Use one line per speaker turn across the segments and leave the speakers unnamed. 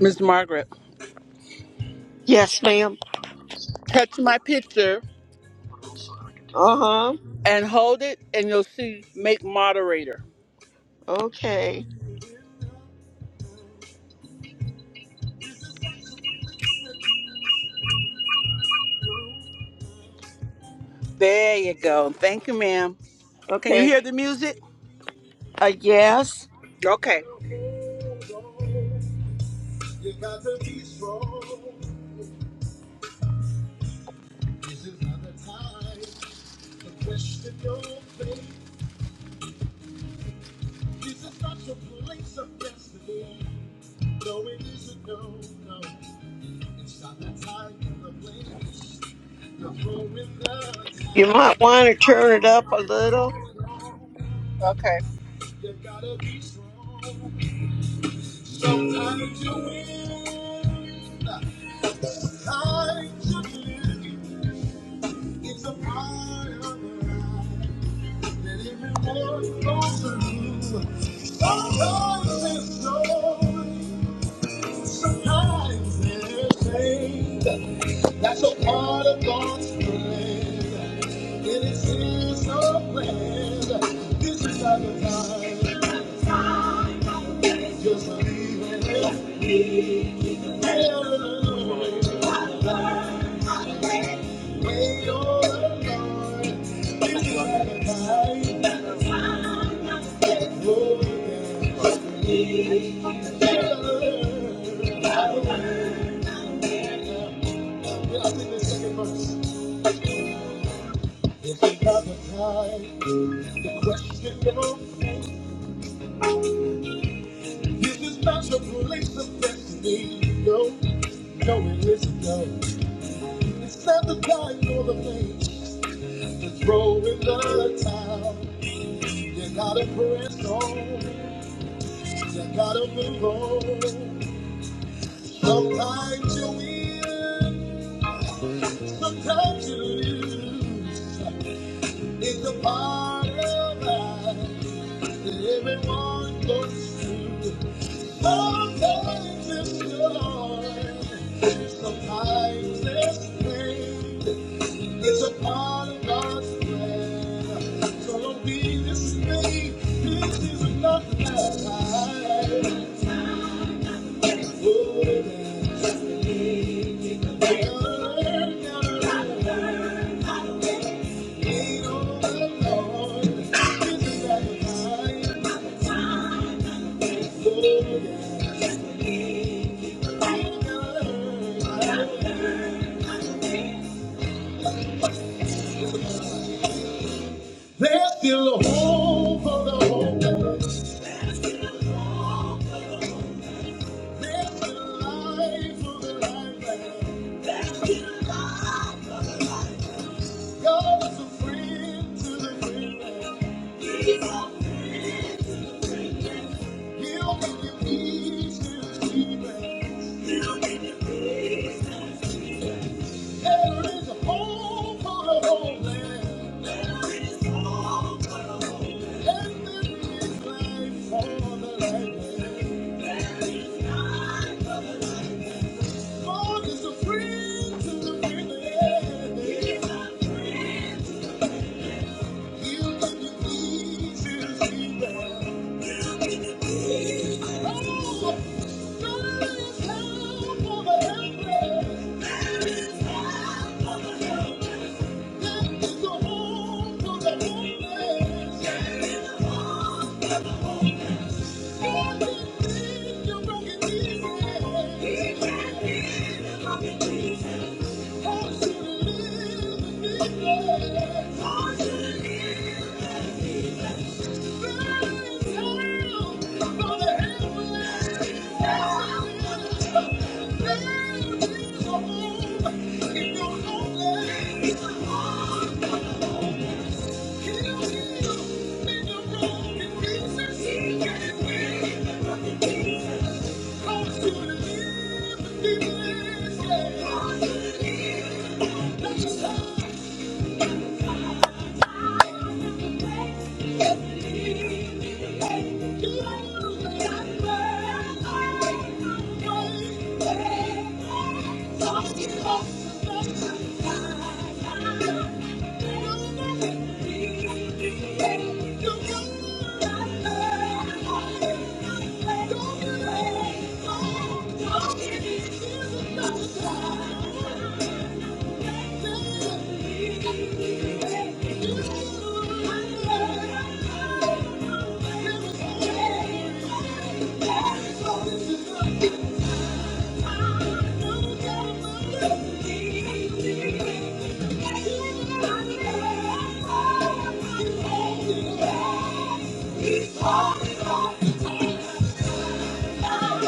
Miss Margaret,
Yes, ma'am.
touch my picture
Uh huh.
and hold it, and you'll see make moderator.
Okay.
There you go. Thank you, ma'am. Can you
Okay.
hear the music?
A yes.
Okay. You gotta be strong. This is not the time to question your faith. This is not your place of destiny. No, it isn't. No, no. It's not the time for the place. You're going the
You
town.
might want to turn it up a little.
Okay. You gotta be strong. Sometimes you win. Sometimes you lose. It's a part of the ride. Let every word flow through. Sometimes there's glory, sometimes there's pain. That's a part of God's plan. And it seems so plan. This is not the time. Just believe in it. Hallelujah. Wait on the Lord. This is not the time. Oh, yeah. If another time the question comes, this is not your place of destiny. No, no, it isn't. No, it's not the time nor the place to throw in the towel. You gotta press on. You gotta move on. Sometimes you win, sometimes you lose. It's a part of life that everyone goes through. Sometimes it's joy, sometimes it's pain. It's a part of God's plan. So don't be dismayed. This is not the last time. Oh, yeah. Never, never lean on the Lord. This is not the time. Oh, yeah. There's still hope for the hopeless. There's still life for the lifeless. God is a friend to the friendless. He'll make you peace to the sleepless. There is a hope for the hopeless. There is hope for the hopeless. And there is life for the lifeless. Lord is a friend to the wicked. He is a friend. He'll give you peace if you Oh, God is help for the helpless. God is help for the helpless. God is a home for the homeless. God is a home. God can broken pieces. He can give you broken pieces. Thank you. Thank you. Thank you. ah,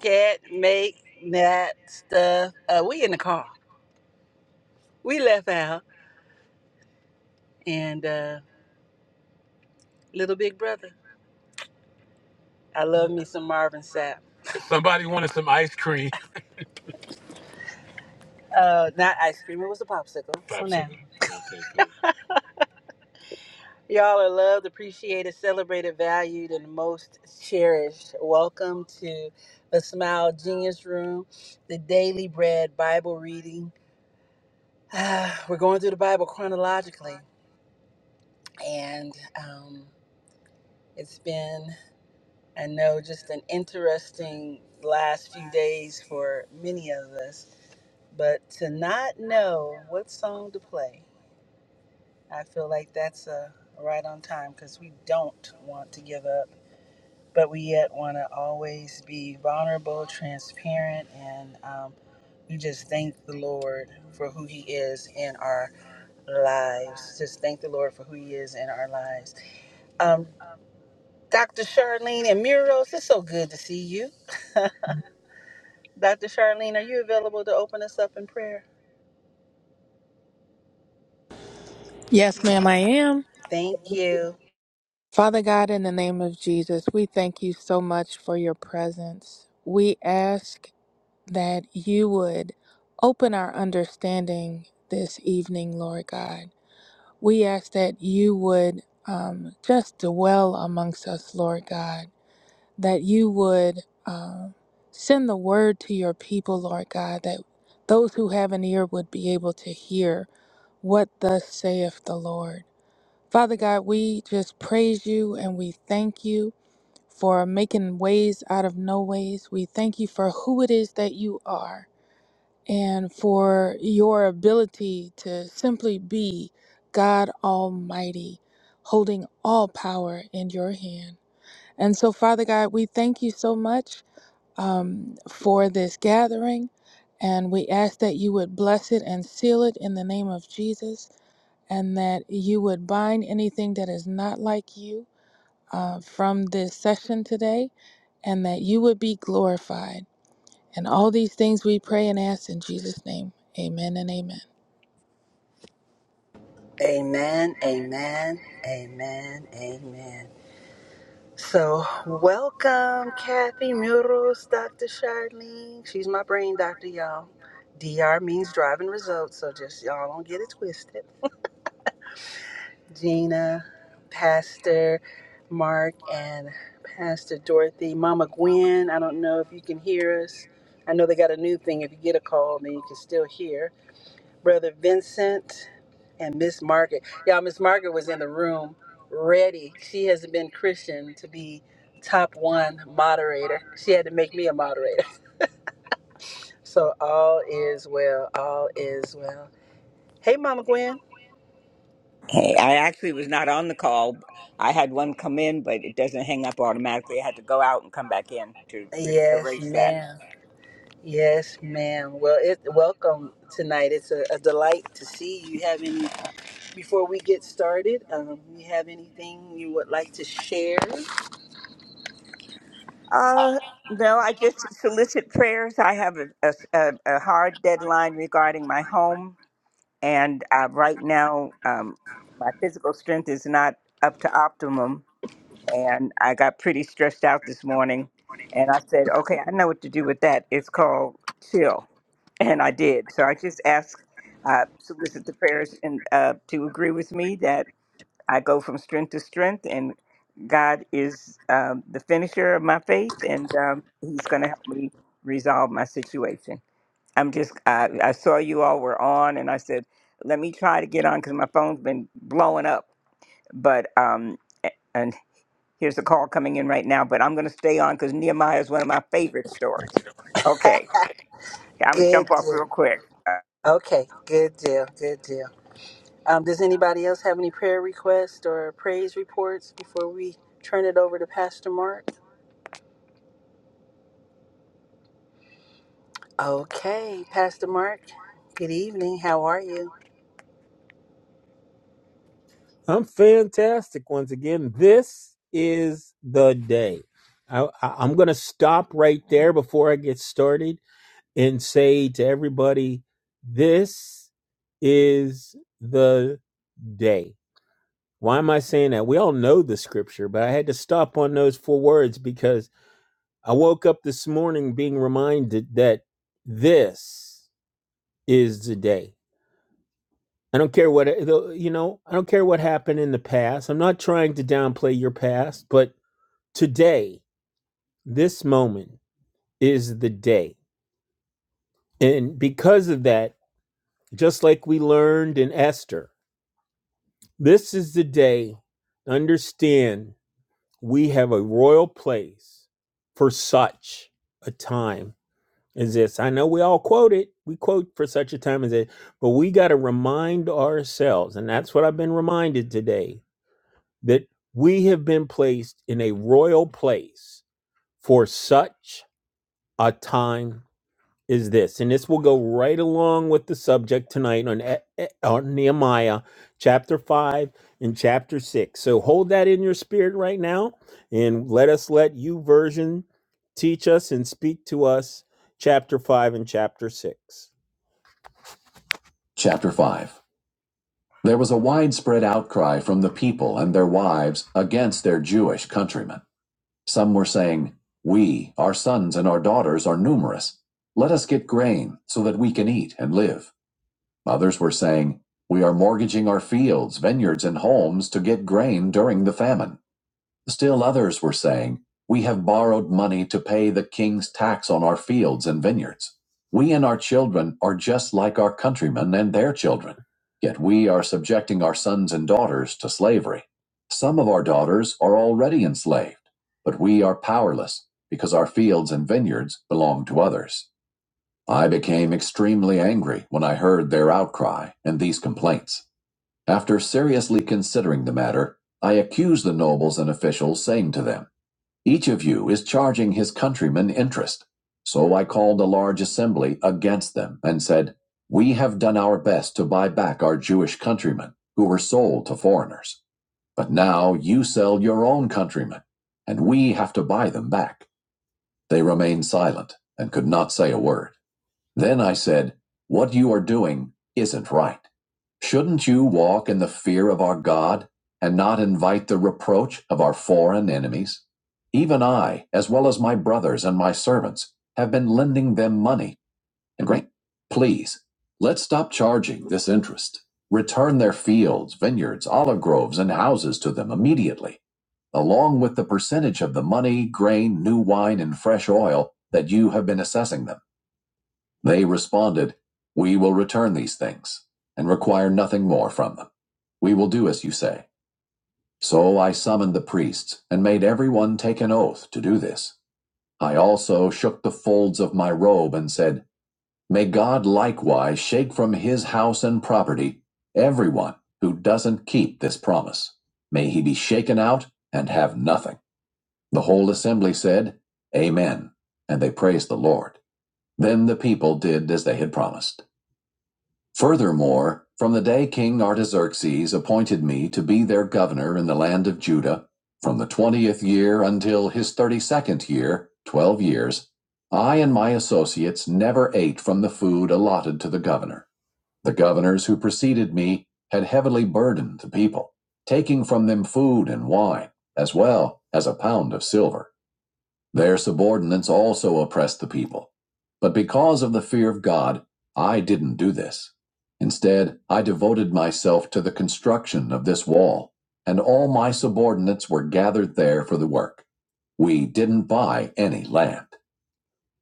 can't make that stuff. Uh, we in the car. We left out, and uh, little big brother. I love me some Marvin Sapp. Somebody wanted some ice cream. Uh, not ice cream. It was a popsicle. So now. Popsicle. Y'all are loved, appreciated, celebrated, valued, and most cherished. Welcome to the Smile Genius Room, the daily bread Bible reading. Ah, We're going through the Bible chronologically, and um, it's been, I know, just an interesting last few days for many of us. But to not know what song to play, I feel like that's uh, right on time because we don't want to give up. but we yet want to always be vulnerable, transparent, and um, we just thank the Lord for who He is in our lives. Just thank the Lord for who He is in our lives. Um, Dr. Charlene and Murals, it's so good to see you. Dr. Charlene, are you available to open us up in prayer?
Yes, ma'am, I am.
Thank you.
Father God, in the name of Jesus, we thank you so much for your presence. We ask that you would open our understanding this evening, Lord God. We ask that you would um, just dwell amongst us, Lord God, that you would um, send the word to your people, Lord God, that those who have an ear would be able to hear what thus saith the Lord. Father God, we just praise you and we thank you for making ways out of no ways. We thank you for who it is that you are and for your ability to simply be God Almighty, holding all power in your hand. And so, Father God, we thank you so much um, for this gathering and we ask that you would bless it and seal it in the name of Jesus and that you would bind anything that is not like you uh, from this session today, and that you would be glorified. And all these things we pray and ask in Jesus' name. Amen and amen.
Amen, amen, amen, amen. So, welcome, Kathy Muros, Dr. Charlene. She's my brain doctor, y'all. DR means driving results, so just y'all don't get it twisted. Gina, Pastor Mark, and Pastor Dorothy. Mama Gwen, I don't know if you can hear us. I know they got a new thing. If you get a call, then you can still hear. Brother Vincent and Miss Margaret. Y'all, Miss Margaret was in the room ready. She has been Christian to be top one moderator. She had to make me a moderator. So all is well. All is well. Hey, Mama Gwen.
Hey, I actually was not on the call. I had one come in, but it doesn't hang up automatically. I had to go out and come back in to re-
Yes,
erase that.
ma'am. Yes, ma'am. Well, it welcome tonight. It's a, a delight to see you. Have any before we get started? Um, you have anything you would like to share?
Uh, no, I just solicit prayers. I have a, a s- a- a hard deadline regarding my home, and uh, right now, um, my physical strength is not up to optimum, and I got pretty stressed out this morning. And I said, okay, I know what to do with that. It's called chill and I did. So I just ask, uh, solicit the prayers and uh, to agree with me that I go from strength to strength, and God is um, the finisher of my faith, and um, He's going to help me resolve my situation. I'm just, I, I saw you all were on, and I said, let me try to get on because my phone's been blowing up. But um, a- and here's a call coming in right now, but I'm going to stay on because Nehemiah is one of my favorite stories. Okay, I'm gonna
Good
jump off
deal.
real quick. Uh,
Okay, good deal. Good deal. Um, does anybody else have any prayer requests or praise reports before we turn it over to Pastor Mark? Okay, Pastor Mark, good evening. How are you?
I'm fantastic once again. This is the day. I, I, I'm going to stop right there before I get started and say to everybody, this is the day. Why am I saying that? We all know the scripture, but I had to stop on those four words because I woke up this morning being reminded that this is the day. I don't care what you know. I don't care what happened in the past. I'm not trying to downplay your past, but today, this moment is the day, and because of that, just like we learned in Esther, this is the day. Understand, we have a royal place for such a time as this. I know we all quote it. We quote for such a time as this, but we got to remind ourselves, and that's what I've been reminded today that we have been placed in a royal place for such a time as this. And this will go right along with the subject tonight on, E- E- on Nehemiah chapter 5 and chapter 6. So hold that in your spirit right now and let us let you version teach us and speak to us chapter 5 and chapter 6. Chapter 5. There was a widespread outcry from the people and their wives against their Jewish countrymen. Some were saying, We, our sons and our daughters, are numerous. Let us get grain so that we can eat and live. Others were saying, We are mortgaging our fields, vineyards, and homes to get grain during the famine. Still others were saying, We have borrowed money to pay the king's tax on our fields and vineyards. We and our children are just like our countrymen and their children, yet we are subjecting our sons and daughters to slavery. Some of our daughters are already enslaved, but we are powerless because our fields and vineyards belong to others. I became extremely angry when I heard their outcry and these complaints. After seriously considering the matter, I accused the nobles and officials, saying to them, Each of you is charging his countrymen interest. So I called a large assembly against them and said, We have done our best to buy back our Jewish countrymen who were sold to foreigners. But now you sell your own countrymen, and we have to buy them back. They remained silent and could not say a word. Then I said, What you are doing isn't right. Shouldn't you walk in the fear of our God and not invite the reproach of our foreign enemies? Even I, as well as my brothers and my servants, have been lending them money. And grain. please, let's stop charging this interest. Return their fields, vineyards, olive groves, and houses to them immediately, along with the percentage of the money, grain, new wine, and fresh oil that you have been assessing them. They responded, We will return these things and require nothing more from them. We will do as you say. So I summoned the priests and made every one take an oath to do this. I also shook the folds of my robe and said, May God likewise shake from his house and property everyone who doesn't keep this promise. May he be shaken out and have nothing. The whole assembly said, Amen. And they praised the Lord. Then the people did as they had promised. Furthermore, from the day King Artaxerxes appointed me to be their governor in the land of Judah, from the twentieth year until his thirty second year, twelve years, I and my associates never ate from the food allotted to the governor. The governors who preceded me had heavily burdened the people, taking from them food and wine, as well as a pound of silver. Their subordinates also oppressed the people. But because of the fear of God, I didn't do this. Instead, I devoted myself to the construction of this wall, and all my subordinates were gathered there for the work. We didn't buy any land.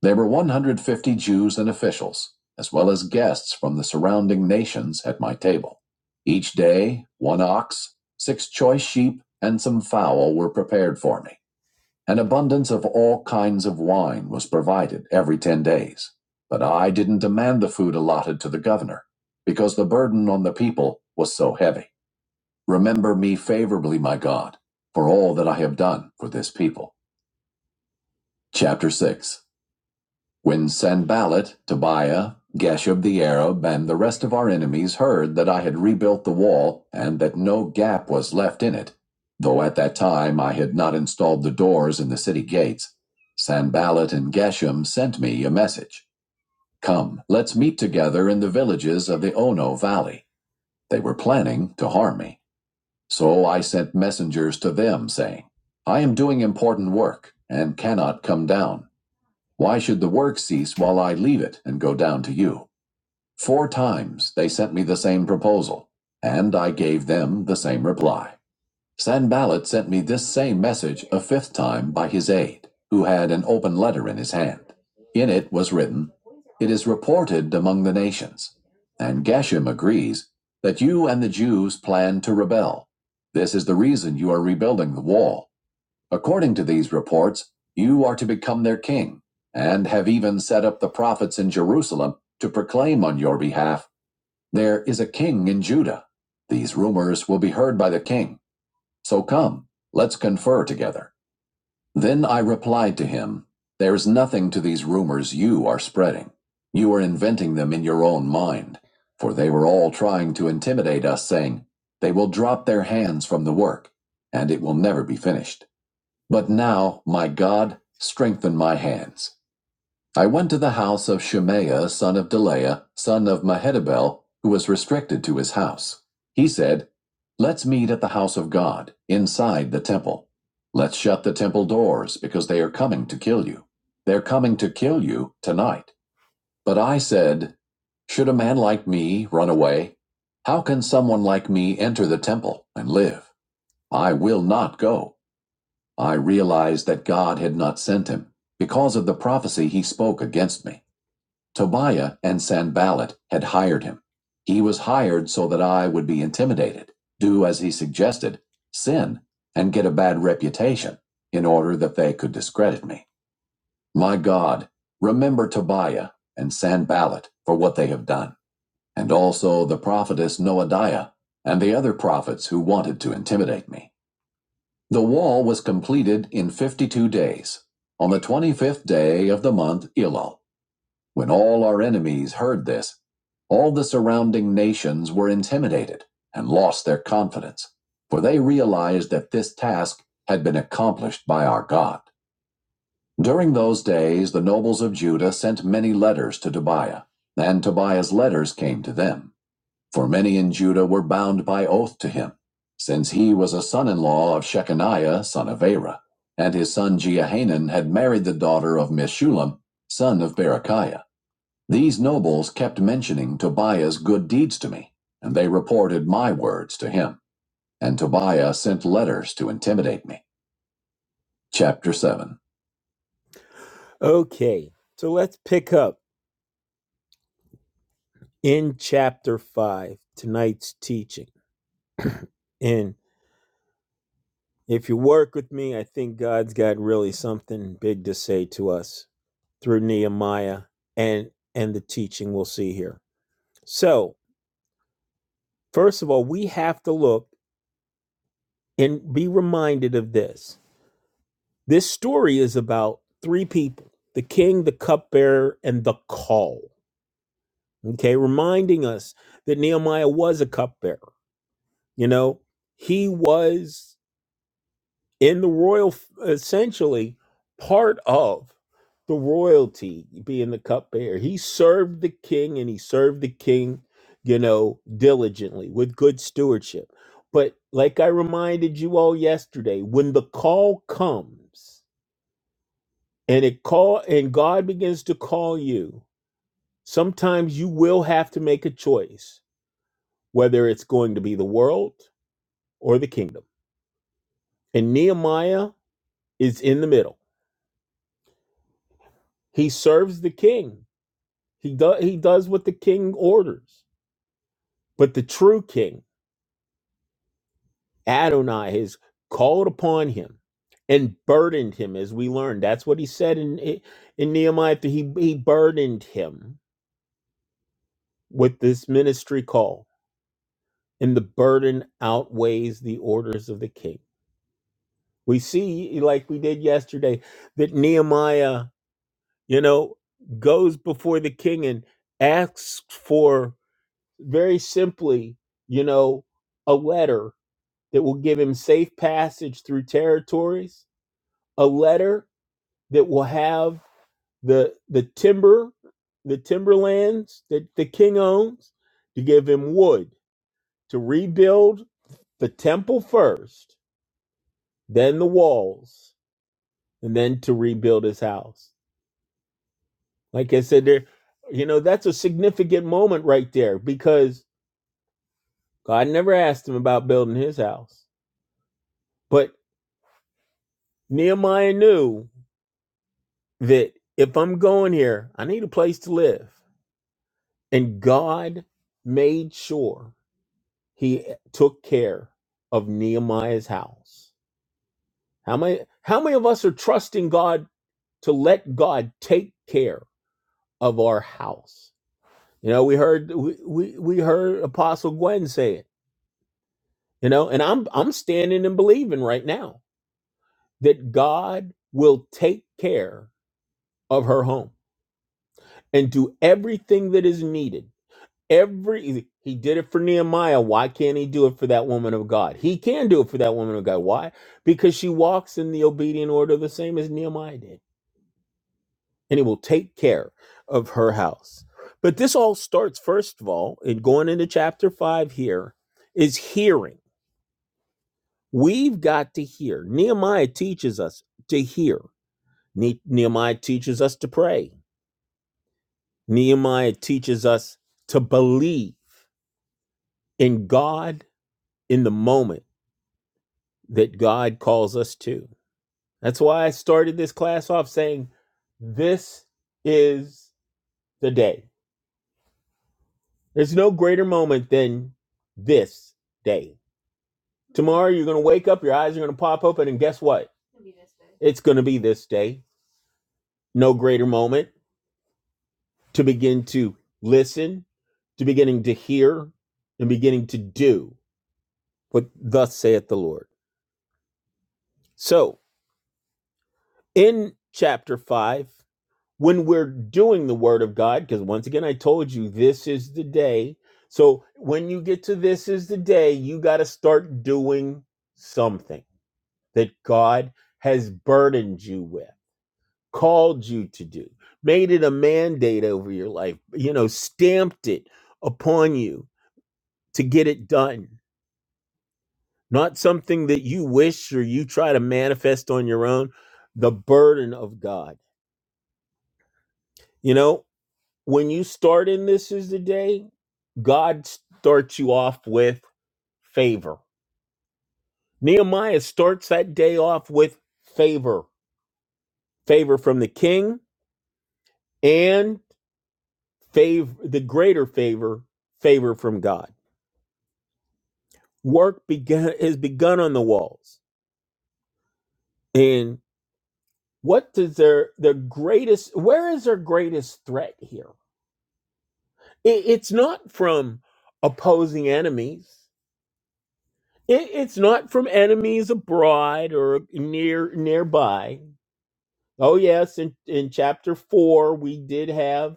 There were 150 Jews and officials, as well as guests from the surrounding nations at my table. Each day, one ox, six choice sheep, and some fowl were prepared for me. An abundance of all kinds of wine was provided every ten days, but I didn't demand the food allotted to the governor, because the burden on the people was so heavy. Remember me favorably, my God, for all that I have done for this people. Chapter 6 when Sanballat, Tobiah, Geshub the Arab, and the rest of our enemies heard that I had rebuilt the wall and that no gap was left in it, though at that time I had not installed the doors in the city gates, Sanballat and Geshem sent me a message. Come, let's meet together in the villages of the Ono Valley. They were planning to harm me. So I sent messengers to them, saying, I am doing important work and cannot come down. Why should the work cease while I leave it and go down to you? Four times they sent me the same proposal, and I gave them the same reply. Sanballat sent me this same message a fifth time by his aide, who had an open letter in his hand. In it was written, It is reported among the nations, and Geshem agrees, that you and the Jews plan to rebel. This is the reason you are rebuilding the wall According to these reports, you are to become their king, and have even set up the prophets in Jerusalem to proclaim on your behalf, There is a king in Judah. These rumors will be heard by the king. So come, let's confer together. Then I replied to him, There's nothing to these rumors you are spreading. You are inventing them in your own mind, for they were all trying to intimidate us, saying, They will drop their hands from the work, and it will never be finished. But now, my God, strengthen my hands. I went to the house of Shemaiah, son of Delaiah, son of Mehetabel, who was restricted to his house. He said, Let's meet at the house of God, inside the temple. Let's shut the temple doors, because they are coming to kill you. They're coming to kill you tonight. But I said, Should a man like me run away? How can someone like me enter the temple and live? I will not go. I realized that God had not sent him, because of the prophecy he spoke against me. Tobiah and Sanballat had hired him. He was hired so that I would be intimidated, do as he suggested, sin, and get a bad reputation, in order that they could discredit me. My God, remember Tobiah and Sanballat for what they have done, and also the prophetess Noadiah and the other prophets who wanted to intimidate me. The wall was completed in 52 days, on the 25th day of the month Elul. When all our enemies heard this, all the surrounding nations were intimidated and lost their confidence, for they realized that this task had been accomplished by our God. During those days, the nobles of Judah sent many letters to Tobiah, and Tobiah's letters came to them. For many in Judah were bound by oath to him, since he was a son in law of Shechaniah, son of Arah, and his son Jehanan had married the daughter of Meshulam, son of Berechiah. These nobles kept mentioning Tobiah's good deeds to me, and they reported my words to him. And Tobiah sent letters to intimidate me. Chapter 7. Okay, so let's pick up in chapter 5, tonight's teaching. And If you work with me, I think God's got really something big to say to us through Nehemiah and and the teaching we'll see here. So, first of all, we have to look and be reminded of this. This story is about three people: the king, the cupbearer, and the call. Okay, reminding us that Nehemiah was a cupbearer. You know, he was. in the royal essentially part of the royalty being the cupbearer he served the king and he served the king you know diligently with good stewardship but like i reminded you all yesterday when the call comes and it call and god begins to call you sometimes you will have to make a choice whether it's going to be the world or the kingdom and nehemiah is in the middle he serves the king He does he does what the king orders. But the true king, Adonai, has called upon him and burdened him, as we learned. That's what he said in in Nehemiah. He he burdened him with this ministry call, and the burden outweighs the orders of the king. We see, like we did yesterday, that Nehemiah, you know, goes before the king and asks for very simply, you know, a letter that will give him safe passage through territories, a letter that will have the the timber, the timberlands that the king owns, to give him wood to rebuild the temple first, then the walls, and then to rebuild his house. Like I said, there, you know, that's a significant moment right there because God never asked him about building his house. But Nehemiah knew that if I'm going here, I need a place to live. And God made sure he took care of Nehemiah's house. How many how many of us are trusting God to let God take care of our house? You know, we heard we, we, we heard Apostle Gwen say it, you know, and I'm I'm standing and believing right now that God will take care of her home and do everything that is needed Every he did it for Nehemiah. Why can't he do it for that woman of God? He can do it for that woman of God. Why? Because she walks in the obedient order the same as Nehemiah did. And he will take care of her house. But this all starts, first of all, in going into chapter five here, is hearing. We've got to hear. Nehemiah teaches us to hear. Ne- Nehemiah teaches us to pray. Nehemiah teaches us to believe in God in the moment that God calls us to. That's why I started this class off saying, This is the day. There's no greater moment than this day. Tomorrow you're going to wake up, your eyes are going to pop open, and guess what? It's going to be this day. No greater moment to begin to listen, to beginning to hear, and beginning to do what thus saith the Lord. So in chapter 5, when we're doing the word of God, because once again, I told you this is the day. So when you get to this is the day, you got to start doing something that God has burdened you with, called you to do, made it a mandate over your life, you know, stamped it upon you to get it done. Not something that you wish or you try to manifest on your own, the burden of God. You know, when you start in this is the day, God starts you off with favor. Nehemiah starts that day off with favor, favor from the king and favor the greater favor, favor from God. Work began has begun on the walls. And what does their their greatest where is their greatest threat here? It- it's not from opposing enemies. It, it's not from enemies abroad or near nearby. Oh yes, in, in chapter four we did have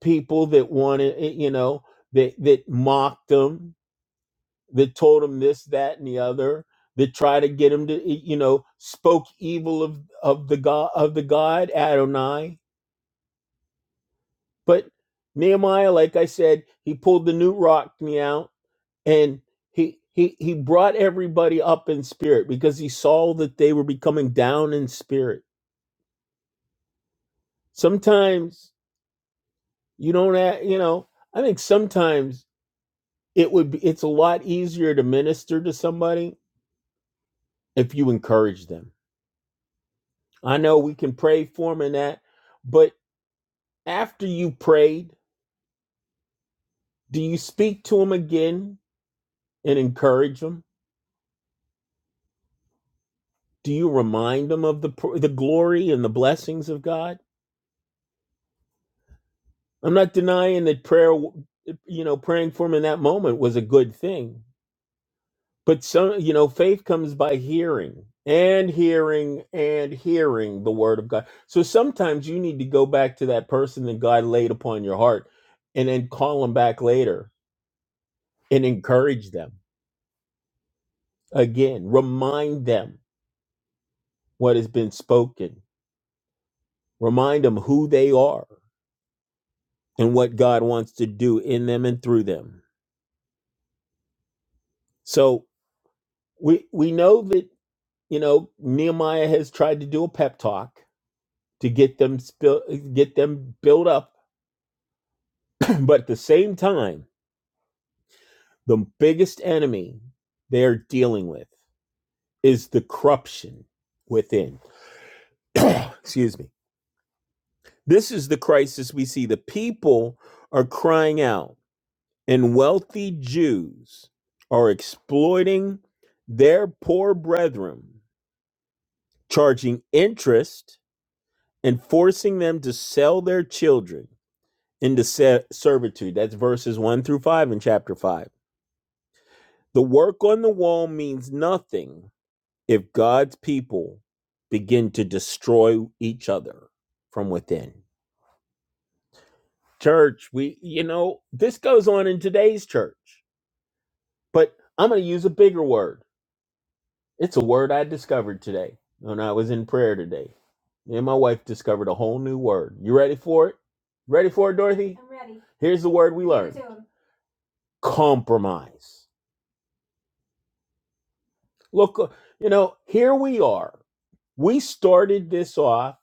people that wanted eh, you know that that mocked them, that told them this, that, and the other, that tried to get him to eh, you know spoke evil of of the god of the god Adonai. But Nehemiah, like I said, he pulled the new rock me out and he he he brought everybody up in spirit because he saw that they were becoming down in spirit sometimes you don't have, you know i think sometimes it would be it's a lot easier to minister to somebody if you encourage them i know we can pray for them and that but after you prayed do you speak to them again and encourage them do you remind them of the pr- the glory and the blessings of god I'm not denying that prayer, you know, praying for him in that moment was a good thing. But some, you know, faith comes by hearing and hearing and hearing the word of God. So sometimes you need to go back to that person that God laid upon your heart and then call them back later and encourage them again. Remind them what has been spoken, remind them who they are and what God wants to do in them and through them. So we, we know that you know, Nehemiah has tried to do a pep talk to get them spill, get them built up, but at the same time, the biggest enemy they're dealing with is the corruption within. Excuse me. This is the crisis we see. The people are crying out, and wealthy Jews are exploiting their poor brethren, charging interest and forcing them to sell their children into se- servitude. That's verses 1 through 5 in chapter 5. The work on the wall means nothing if God's people begin to destroy each other from within. Church, we, you know, this goes on in today's church, but I'm going to use a bigger word. It's a word I discovered today when I was in prayer today. Me and my wife discovered a whole new word. You ready for it? Ready for it, Dorothy? Here's the word we compromise Look, uh, you know, here we are. We started this off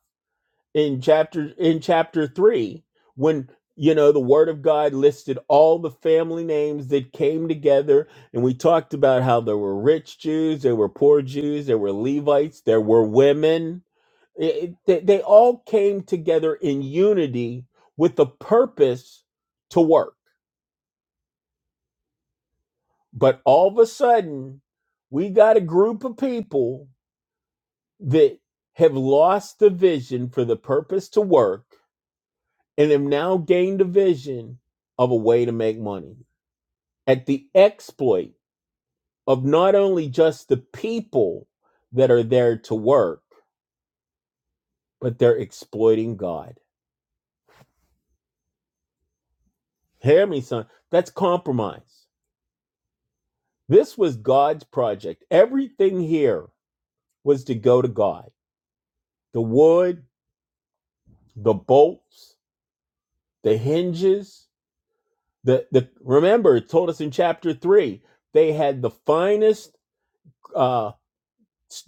in chapter in chapter 3 when you know the word of God listed all the family names that came together and we talked about how there were rich Jews, there were poor Jews, there were Levites, there were women. It- it- they, they all came together in unity with the purpose to work. But all of a sudden, we got a group of people that have lost the vision for the purpose to work and have now gained a vision of a way to make money at the exploit of not only just the people that are there to work, but they're exploiting God. Hear me, son. That's compromise. This was God's project. Everything here was to go to God the wood, the bolts, the hinges. The the remember it told us in chapter three they had the finest uh,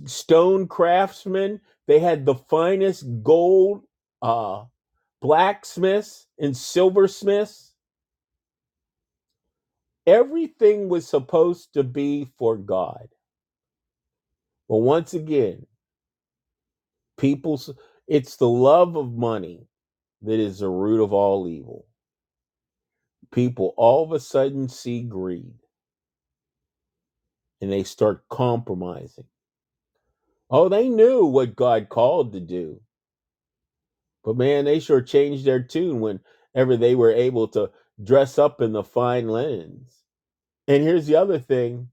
stone craftsmen. They had the finest gold uh, blacksmiths and silversmiths. Everything was supposed to be for God. But once again, people's it's the love of money that is the root of all evil. People all of a sudden see greed and they start compromising. Oh, they knew what God called to do But man, they sure changed their tune whenever they were able to dress up in the fine linens. And here's the other thing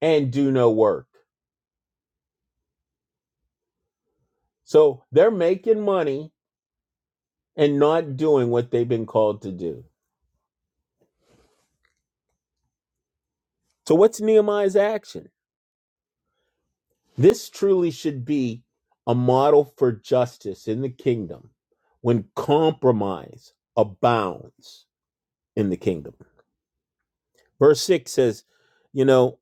and do no work. So they're making money and not doing what they've been called to do. So, what's Nehemiah's action? This truly should be a model for justice in the kingdom when compromise abounds in the kingdom. Verse 6 says, you know,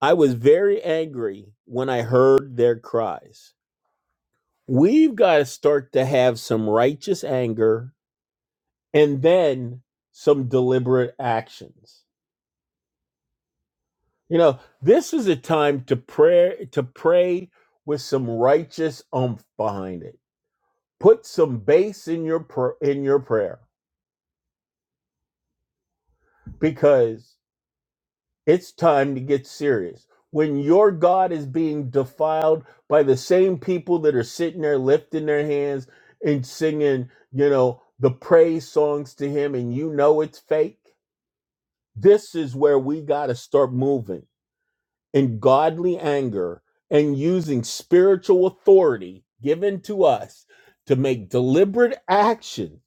I was very angry when I heard their cries. We've got to start to have some righteous anger and then some deliberate actions. You know, this is a time to pray to pray with some righteous umph behind it. Put some bass in your pr- in your prayer because It's time to get serious. When your God is being defiled by the same people that are sitting there lifting their hands and singing, you know, the praise songs to Him, and you know it's fake, this is where we got to start moving in godly anger and using spiritual authority given to us to make deliberate action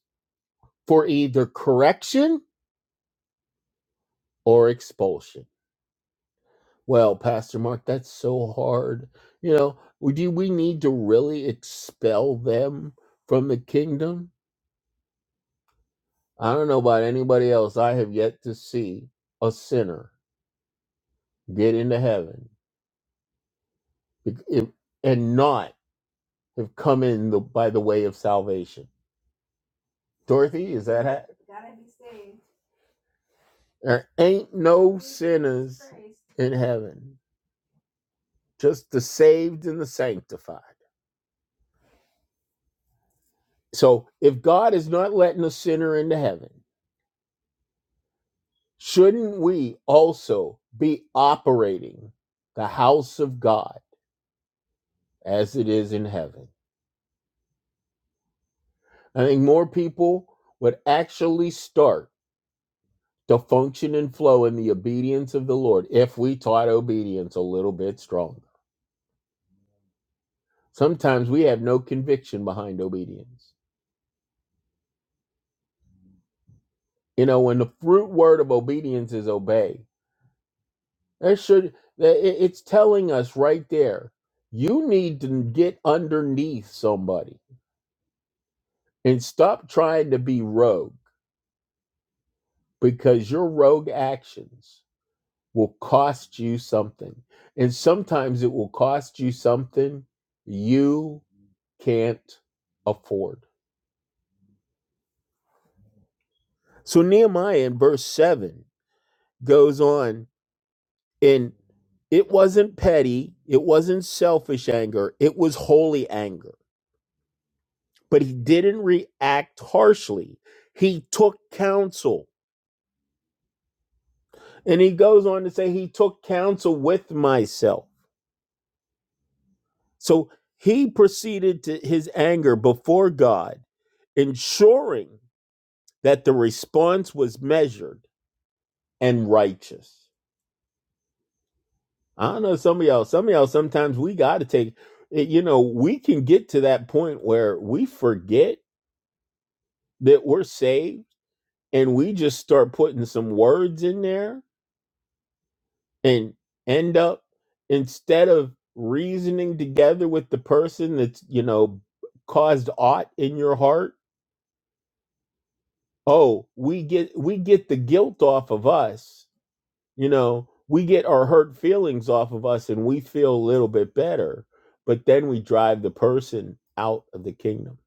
for either correction or expulsion. Well, Pastor Mark, that's so hard. You know, we- do we need to really expel them from the kingdom? I don't know about anybody else. I have yet to see a sinner get into heaven be- if- and not have come in the, by the way of salvation. Dorothy, is that ha- there ain't no in heaven, just the saved and the sanctified. So if God is not letting a sinner into heaven, Shouldn't we also be operating the house of God as it is in heaven? I think more people would actually start to function and flow in the obedience of the Lord if we taught obedience a little bit stronger. Sometimes we have no conviction behind obedience. You know, when the fruit word of obedience is obey, that should it's telling us right there, you need to get underneath somebody and stop trying to be rogue because your rogue actions will cost you something. And sometimes it will cost you something you can't afford. So Nehemiah in verse 7 goes on, and it wasn't petty, it wasn't selfish anger, it was holy anger. But he didn't react harshly, he took counsel. And he goes on to say, He took counsel with myself. So he proceeded to his anger before God, ensuring that the response was measured and righteous. I don't know some of y'all, some of y'all sometimes we got to take it, you know, we can get to that point where we forget that we're saved and we just start putting some words in there and end up instead of reasoning together with the person that's, you know, caused aught in your heart oh we get we get the guilt off of us you know we get our hurt feelings off of us and we feel a little bit better but then we drive the person out of the kingdom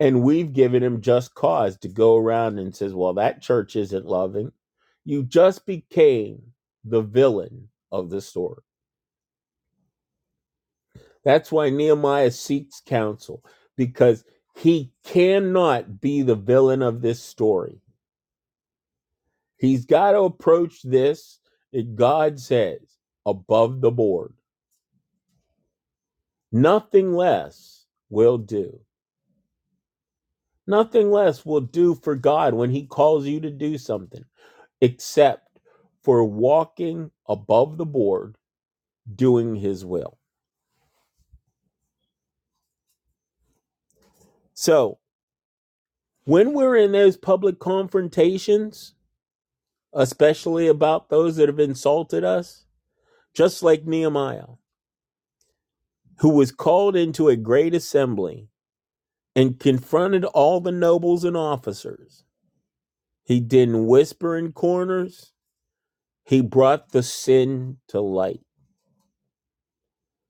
and we've given him just cause to go around and says well that church isn't loving you just became the villain of the story that's why nehemiah seeks counsel because he cannot be the villain of this story He's got to approach this, that God says, above the board. Nothing less will do. Nothing less will do for God when He calls you to do something, except for walking above the board, doing His will. So when we're in those public confrontations, especially about those that have insulted us, just like Nehemiah, who was called into a great assembly and confronted all the nobles and officers. He didn't whisper in corners. He brought the sin to light.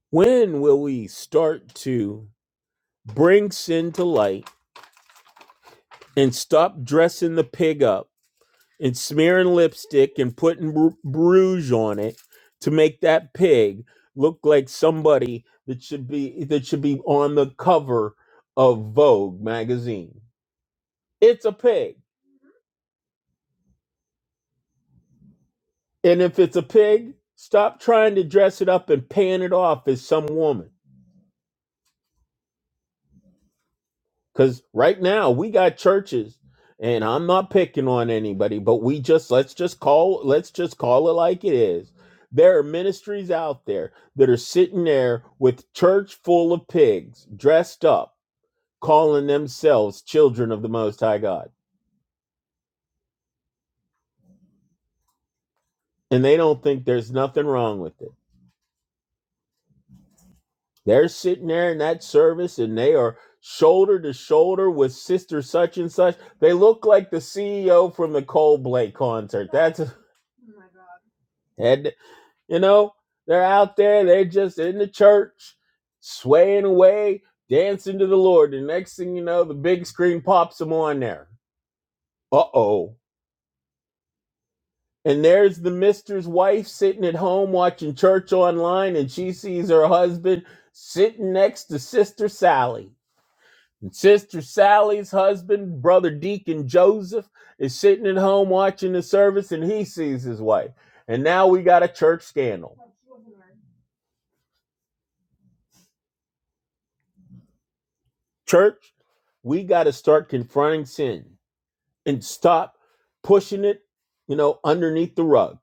When will we start to bring sin to light and stop dressing the pig up and smearing lipstick and putting br- rouge on it to make that pig look like somebody that should be that should be on the cover of Vogue magazine? It's a pig. And if it's a pig, stop trying to dress it up and pan it off as some woman. Because right now we got churches, and I'm not picking on anybody, but we just let's just call let's just call it like it is. There are ministries out there that are sitting there with church full of pigs dressed up, calling themselves children of the Most High God. And they don't think there's nothing wrong with it. They're sitting there in that service and they are shoulder to shoulder with sister such and such. They look like the CEO from the Coldplay concert. And you know, they're out there, they're just in the church, swaying away, dancing to the Lord. The next thing you know, the big screen pops them on there. Uh-oh. And there's the mister's wife sitting at home watching church online, and she sees her husband sitting next to Sister Sally. And Sister Sally's husband, brother Deacon Joseph, is sitting at home watching the service and he sees his wife. And now we got a church scandal. Church, we got to start confronting sin and stop pushing it, you know, underneath the rug.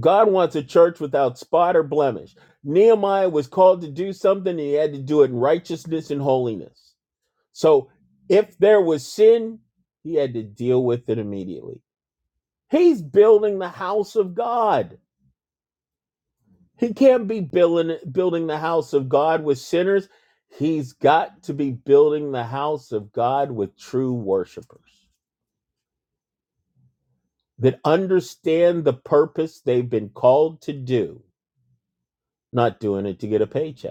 God wants a church without spot or blemish. Nehemiah was called to do something and he had to do it in righteousness and holiness. So if there was sin, he had to deal with it immediately. He's building the house of God. He can't be building building the house of God with sinners. He's got to be building the house of God with true worshipers that understand the purpose they've been called to do, not doing it to get a paycheck.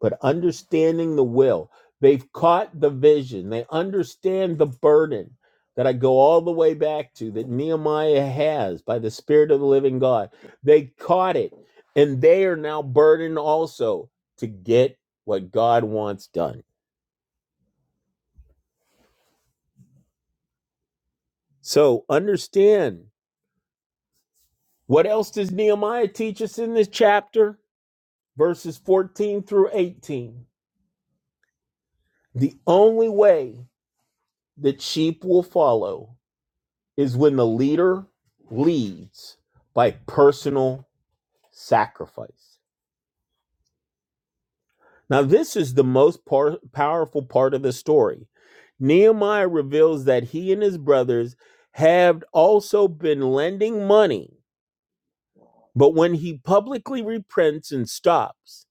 but understanding the will. They've caught the vision. They understand the burden that I go all the way back to that Nehemiah has by the Spirit of the living God. They caught it, and they are now burdened also to get what God wants done. So understand what else does Nehemiah teach us in this chapter? Verses 14 through 18. The only way that sheep will follow is when the leader leads by personal sacrifice. Now, this is the most par- powerful part of the story. Nehemiah reveals that he and his brothers have also been lending money, but when he publicly repents and stops,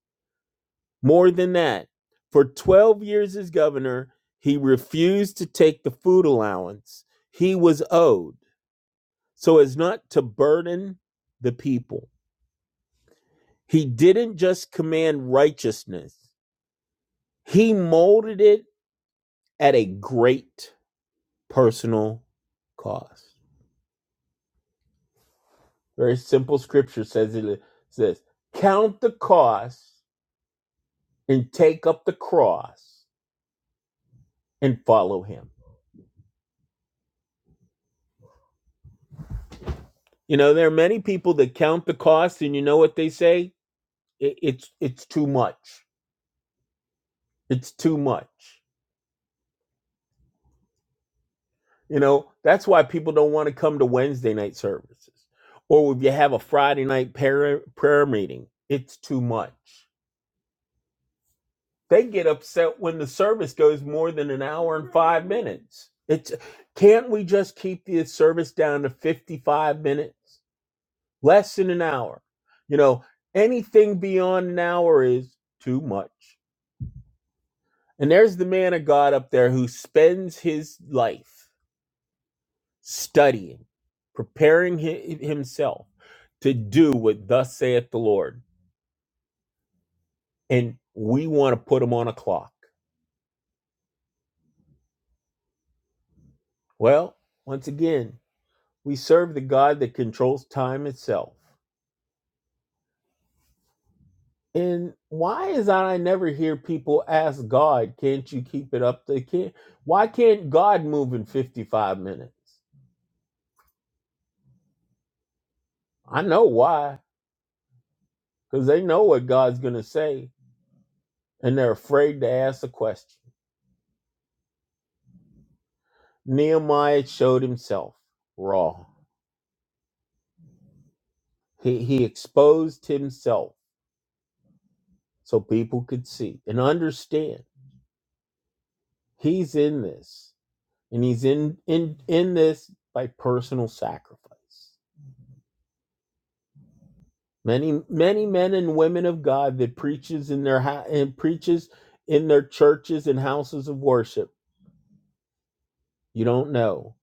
more than that, for 12 years as governor, he refused to take the food allowance he was owed so as not to burden the people. He didn't just command righteousness, he molded it at a great personal cost. Very simple scripture says it says, Count the cost and take up the cross and follow him. You know, there are many people that count the cost, and you know what they say? It, it's it's too much. It's too much. You know, that's why people don't want to come to Wednesday night services. Or if you have a Friday night prayer, prayer meeting, it's too much. They get upset when the service goes more than an hour. It's can't we just keep the service down to 55 minutes? Less than an hour. You know, anything beyond an hour is too much. And there's the man of God up there who spends his life. studying, preparing himself to do what thus saith the Lord. And we want to put him on a clock. Well, once again, we serve the God that controls time itself. And why is that I never hear people ask God, can't you keep it up? They can't. Why can't God move in 55 minutes? I know why, because they know what God's going to say, and they're afraid to ask the question. Nehemiah showed himself raw. He he exposed himself so people could see and understand he's in this. And he's in in in this by personal sacrifice. Many many men and women of God that preaches in their hou- and preaches in their churches and houses of worship, you don't know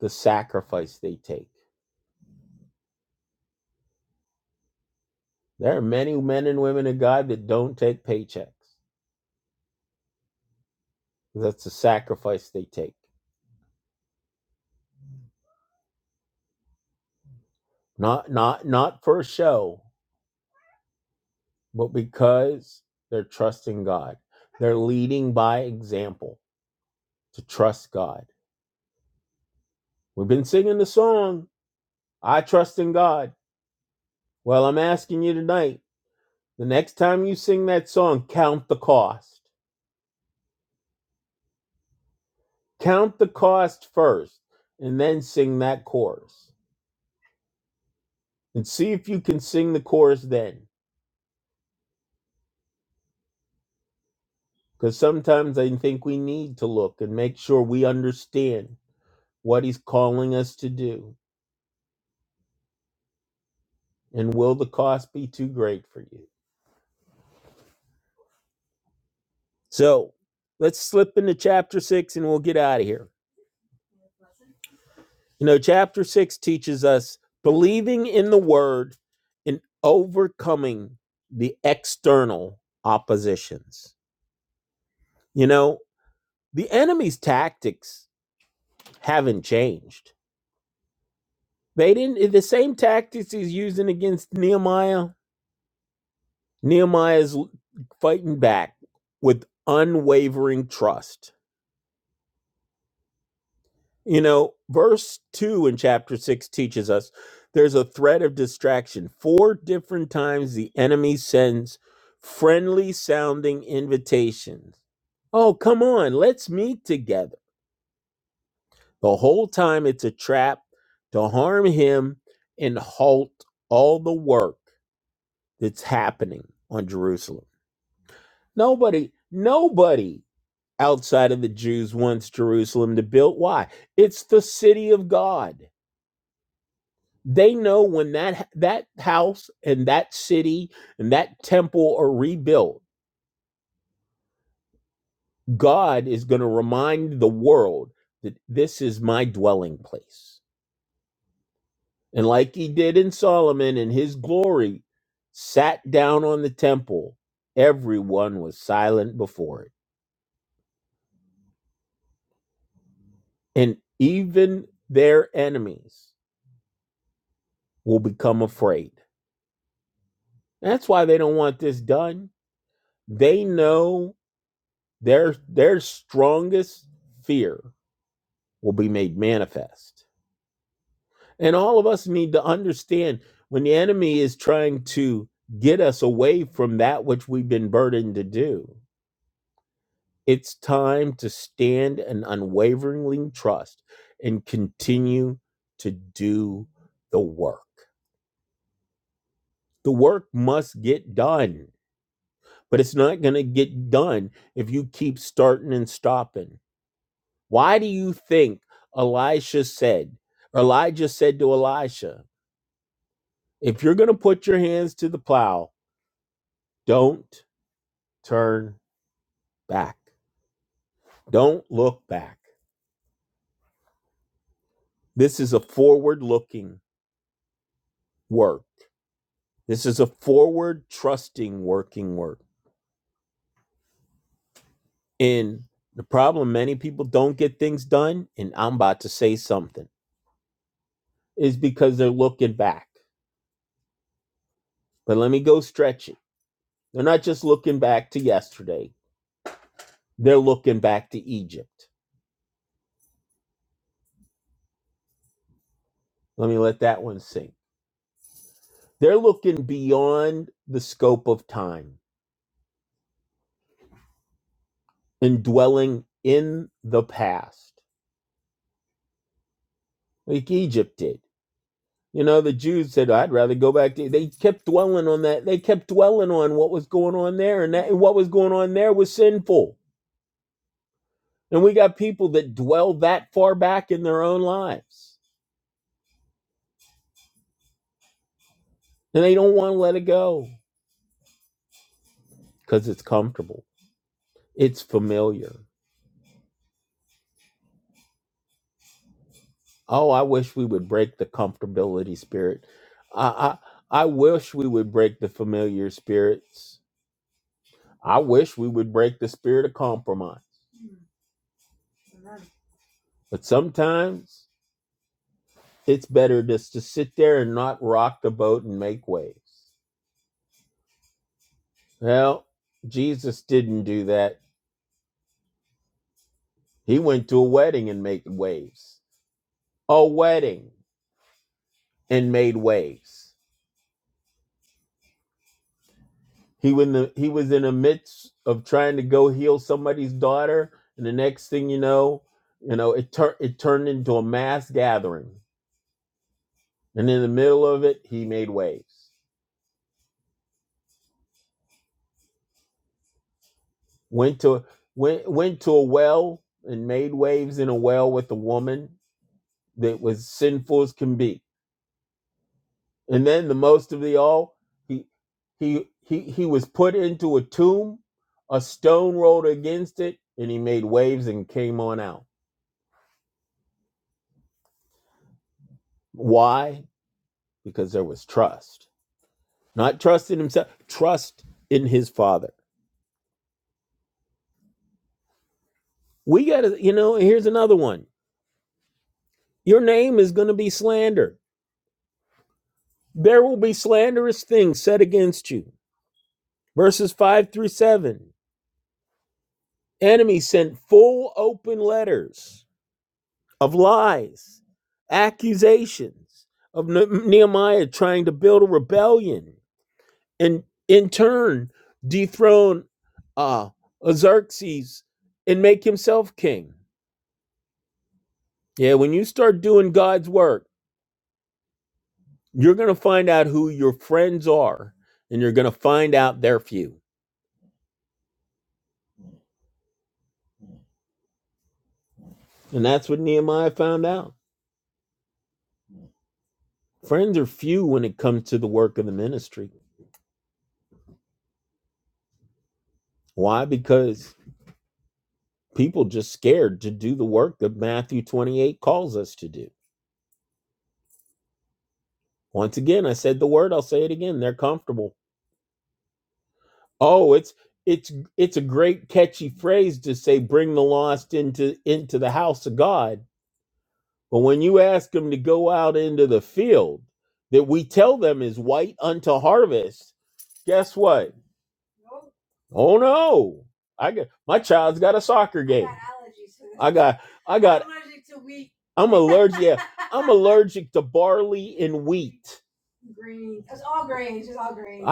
the sacrifice they take. There are many men and women of God that don't take paychecks. That's the sacrifice they take. Not not not for a show, but because they're trusting God, they're leading by example to trust God. We've been singing the song, I Trust in God. Well, I'm asking you tonight the next time you sing that song, count the cost. Count the cost first, and then sing that chorus. And see if you can sing the chorus then. Because sometimes I think we need to look and make sure we understand what He's calling us to do. And will the cost be too great for you? So let's slip into chapter six and we'll get out of here. You know, chapter six teaches us believing in the word and overcoming the external oppositions. You know, the enemy's tactics haven't changed. They didn't, the same tactics he's using against Nehemiah, Nehemiah's fighting back with unwavering trust You know, verse 2 in chapter 6 teaches us there's a threat of distraction. Four different times the enemy sends friendly sounding invitations. Oh, come on, let's meet together. The whole time it's a trap to harm him and halt all the work that's happening on Jerusalem. Nobody, nobody outside of the Jews wants Jerusalem to build. Why? It's the city of God. they know when that that house and that city and that temple are rebuilt god is going to remind the world that this is my dwelling place and like he did in solomon in his glory sat down on the temple everyone was silent before it and even their enemies will become afraid that's why they don't want this done they know their their strongest fear will be made manifest. And all of us need to understand when the enemy is trying to get us away from that which we've been burdened to do, it's time to stand in unwaveringly trust and continue to do the work. The work must get done, but it's not going to get done if you keep starting and stopping. Why do you think Elisha said, Elijah said to Elisha, If you're going to put your hands to the plow, don't turn back. Don't look back. This is a forward looking work. This is a forward trusting working work. And the problem many people don't get things done, and I'm about to say something, is because they're looking back. But let me go stretch it. They're not just looking back to yesterday, they're looking back to Egypt. Let me let that one sink. They're looking beyond the scope of time and dwelling in the past, like Egypt did. You know, the Jews said, I'd rather go back to they kept dwelling on that. They kept dwelling on what was going on there, and that and what was going on there was sinful. And we got people that dwell that far back in their own lives. And they don't want to let it go because it's comfortable. It's familiar. Oh, I wish we would break the comfortability spirit. I, I I wish we would break the familiar spirits I wish we would break the spirit of compromise. But sometimes it's better just to sit there and not rock the boat and make waves. Well, Jesus didn't do that. He went to a wedding and made waves. A wedding and made waves. He when the, he was in the midst of trying to go heal somebody's daughter, and the next thing you know, you know, it turned it turned into a mass gathering. And in the middle of it, he made waves. went to went went to a well and made waves in a well with a woman that was sinful as can be. And then the most of the all, he he he he was put into a tomb, a stone rolled against it, and he made waves and came on out. Why? Because there was trust. Not trust in himself, trust in his father. We gotta, you know, here's another one. Your name is gonna be slander. There will be slanderous things said against you Verses 5 through 7. Enemy sent full open letters of lies, accusations of Nehemiah trying to build a rebellion and in turn dethrone uh, Xerxes and make himself king. Yeah, when you start doing God's work, you're going to find out who your friends are and you're going to find out they're few. And that's what Nehemiah found out. Friends are few when it comes to the work of the ministry. Why? Because people just scared to do the work that Matthew 28 calls us to do. Once again, I said the word, I'll say it again. They're comfortable. Oh, it's it's it's a great catchy phrase to say bring the lost into into the house of God. But when you ask them to go out into the field that we tell them is white unto harvest, guess what? Oh no. I got my child's got a soccer guy. I I'm allergic allergic to barley and wheat.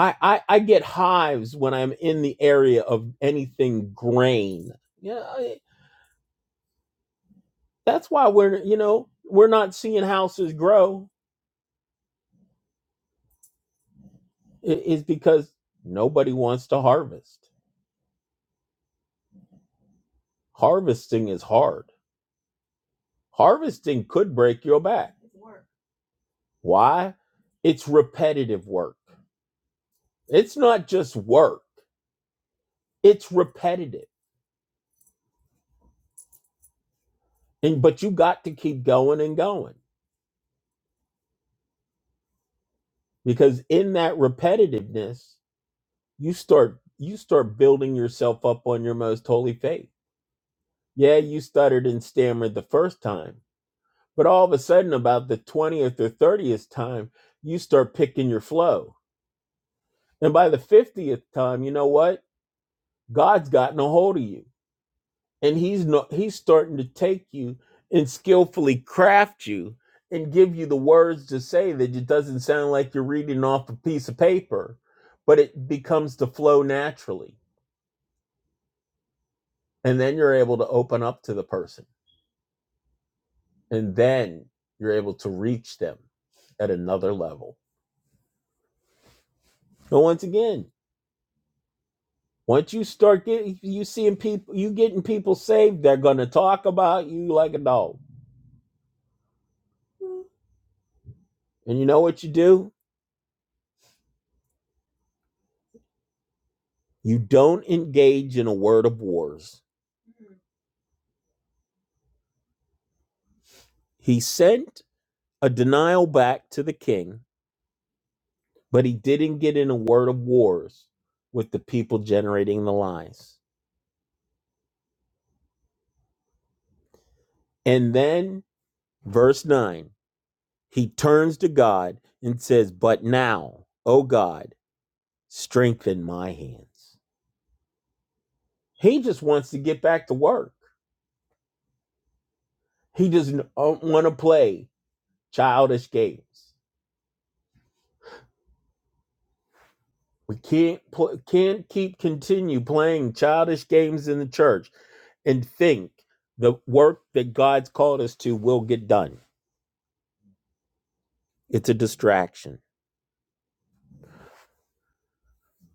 I, I I get hives when I'm in the area of anything grain. Yeah, I, that's why we're you know we're not seeing houses grow is because nobody wants to harvest. Harvesting is hard. Harvesting could break your back. Why? It's repetitive work. It's not just work. It's repetitive, and but you got to keep going and going because in that repetitiveness you start you start building yourself up on your most holy faith. Yeah, you stuttered and stammered the first time, but all of a sudden about the 20th or 30th time, you start picking your flow. And by the 50th time, you know what? God's gotten a hold of you. And he's no, he's starting to take you and skillfully craft you and give you the words to say that it doesn't sound like you're reading off a piece of paper, but it becomes to flow naturally and then you're able to open up to the person and then you're able to reach them at another level and once again once you start getting you seeing people you getting people saved they're going to talk about you like a dog and you know what you do you don't engage in a word of wars he sent a denial back to the king but he didn't get in a word of wars with the people generating the lies and then verse 9 He turns to God and says, But now, O God, strengthen my hands. He just wants to get back to work. He doesn't want to play childish games. We can't pl- can't keep continue playing childish games in the church and think the work that God's called us to will get done. It's a distraction.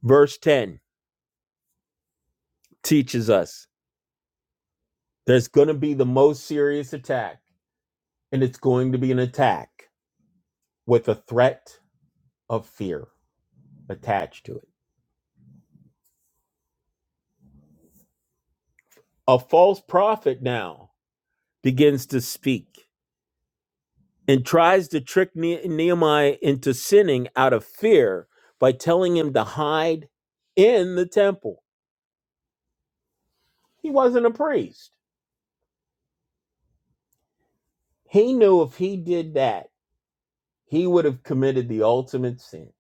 Verse 10 teaches us there's going to be the most serious attack, and it's going to be an attack with a threat of fear attached to it. A false prophet now begins to speak and tries to trick Ne- Nehemiah into sinning out of fear by telling him to hide in the temple. He wasn't a priest. He knew if he did that, he would have committed the ultimate sin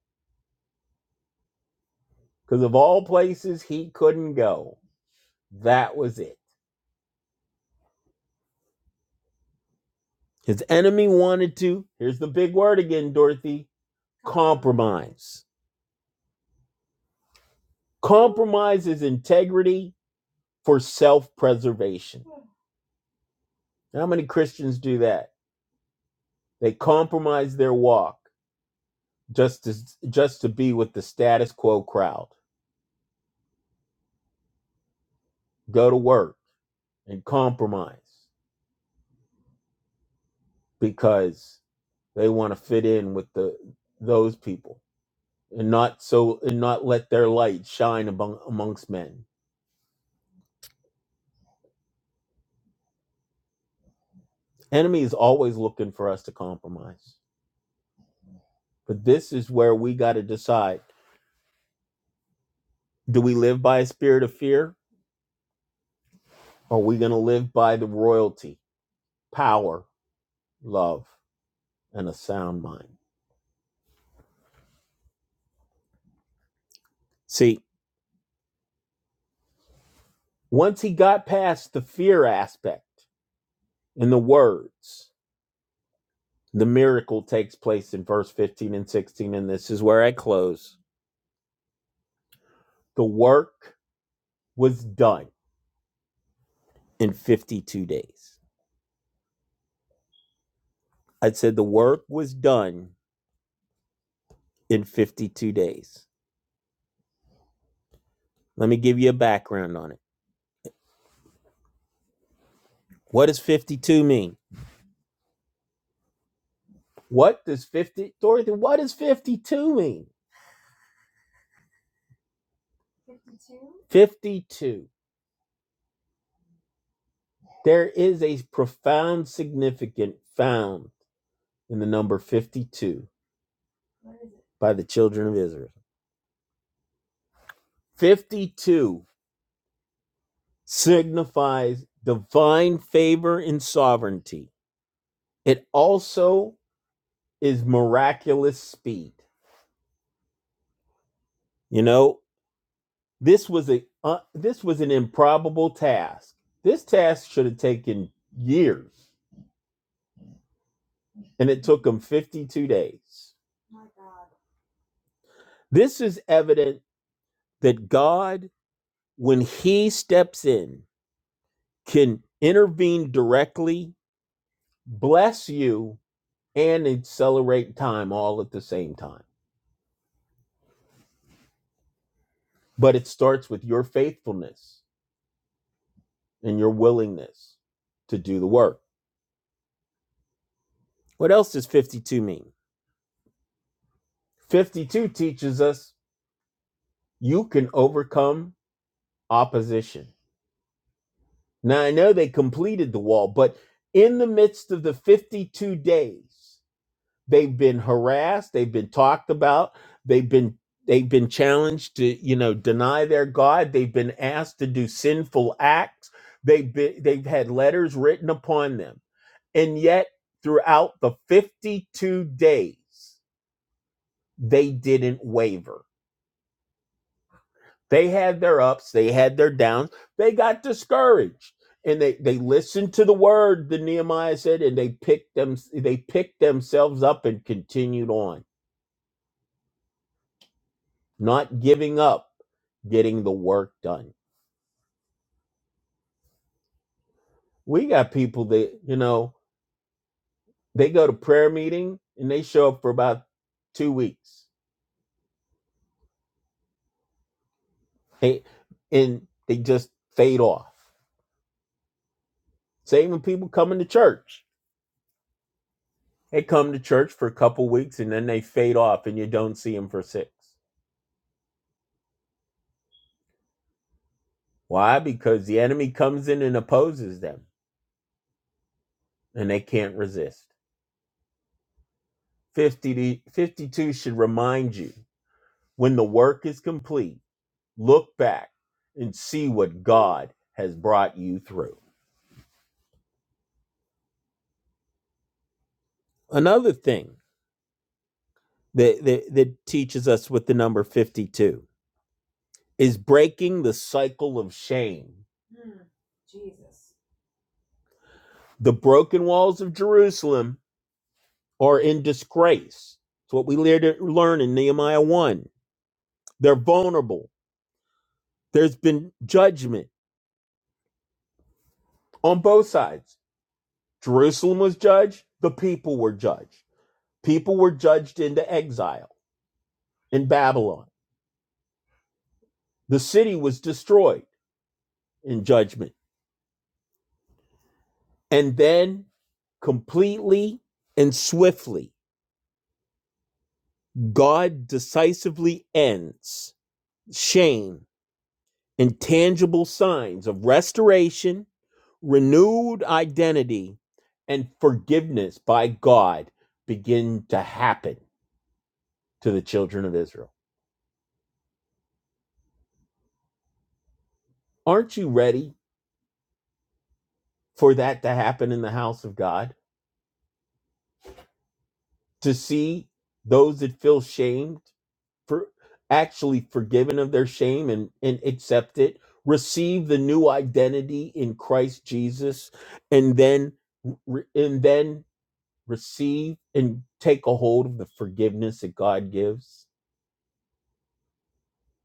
because of all places he couldn't go. That was it. His enemy wanted to, here's the big word again, Dorothy compromise. Compromise is integrity for self preservation. How many Christians do that? They compromise their walk just to just to be with the status quo crowd. Go to work and compromise because they want to fit in with the those people and not so and not let their light shine among amongst men. Enemy is always looking for us to compromise. But this is where we got to decide do we live by a spirit of fear or are we going to live by the royalty, power, love? and a sound mind. See, once he got past the fear aspect in the words, the miracle takes place in verse 15 and 16. And this is where I close. The work was done in 52 days. I said the work was done in 52 days. Let me give you a background on it. What does 52 mean? What does 50, Dorothy, what does 52 mean? 52. There is a profound significance found and the number 52 by the children of Israel. 52 signifies divine favor and sovereignty. It also is miraculous speed. You know, this was a uh, this was an improbable task. This task should have taken years and it took them 52 days. This is evident that God when he steps in can intervene directly, bless you and accelerate time all at the same time. But it starts with your faithfulness and your willingness to do the work. What else does 52 mean? 52 teaches us you can overcome opposition. Now, I know they completed the wall, but in the midst of the 52 days, they've been harassed they've been talked about they've been they've been challenged to you know deny their god they've been asked to do sinful acts they've been they've had letters written upon them and yet throughout the 52 days they didn't waver they had their ups they had their downs they got discouraged and they they listened to the word the nehemiah said and they picked them they picked themselves up and continued on not giving up, getting the work done. We got people that, you know, they go to prayer meeting and they show up for about two weeks Hey, and they just fade off. Same with people coming to church. They come to church for a couple weeks and then they fade off and you don't see them for six. Why? Because the enemy comes in and opposes them and they can't resist. 50 to, 52 should remind you when the work is complete Look back and see what God has brought you through. Another thing that, that, that teaches us with the number 52 is breaking the cycle of shame. The broken walls of Jerusalem are in disgrace. It's what we lear- learn in Nehemiah 1. They're vulnerable. There's been judgment on both sides. Jerusalem was judged, the people were judged. People were judged into exile in Babylon. The city was destroyed. in judgment. And then completely and swiftly, God decisively ends shame and tangible signs of restoration, renewed identity, and forgiveness by God begin to happen to the children of Israel. Aren't you ready for that to happen in the house of God? To see those that feel shamed for actually forgiven of their shame and, and accept it, receive the new identity in Christ Jesus, and then re- and then receive and take a hold of the forgiveness that God gives.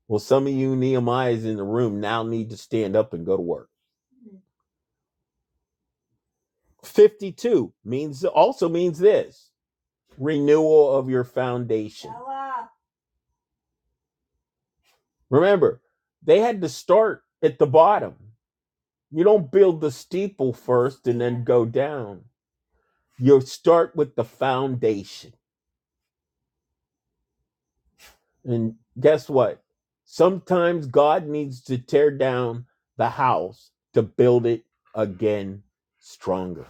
Well, some of you Nehemiah's in the room now need to stand up and go to work. 52 means also means this renewal of your foundation. Remember, they had to start at the bottom. You don't build the steeple first, go down. you start with the foundation. And guess what? Sometimes God needs to tear down the house to build it again stronger.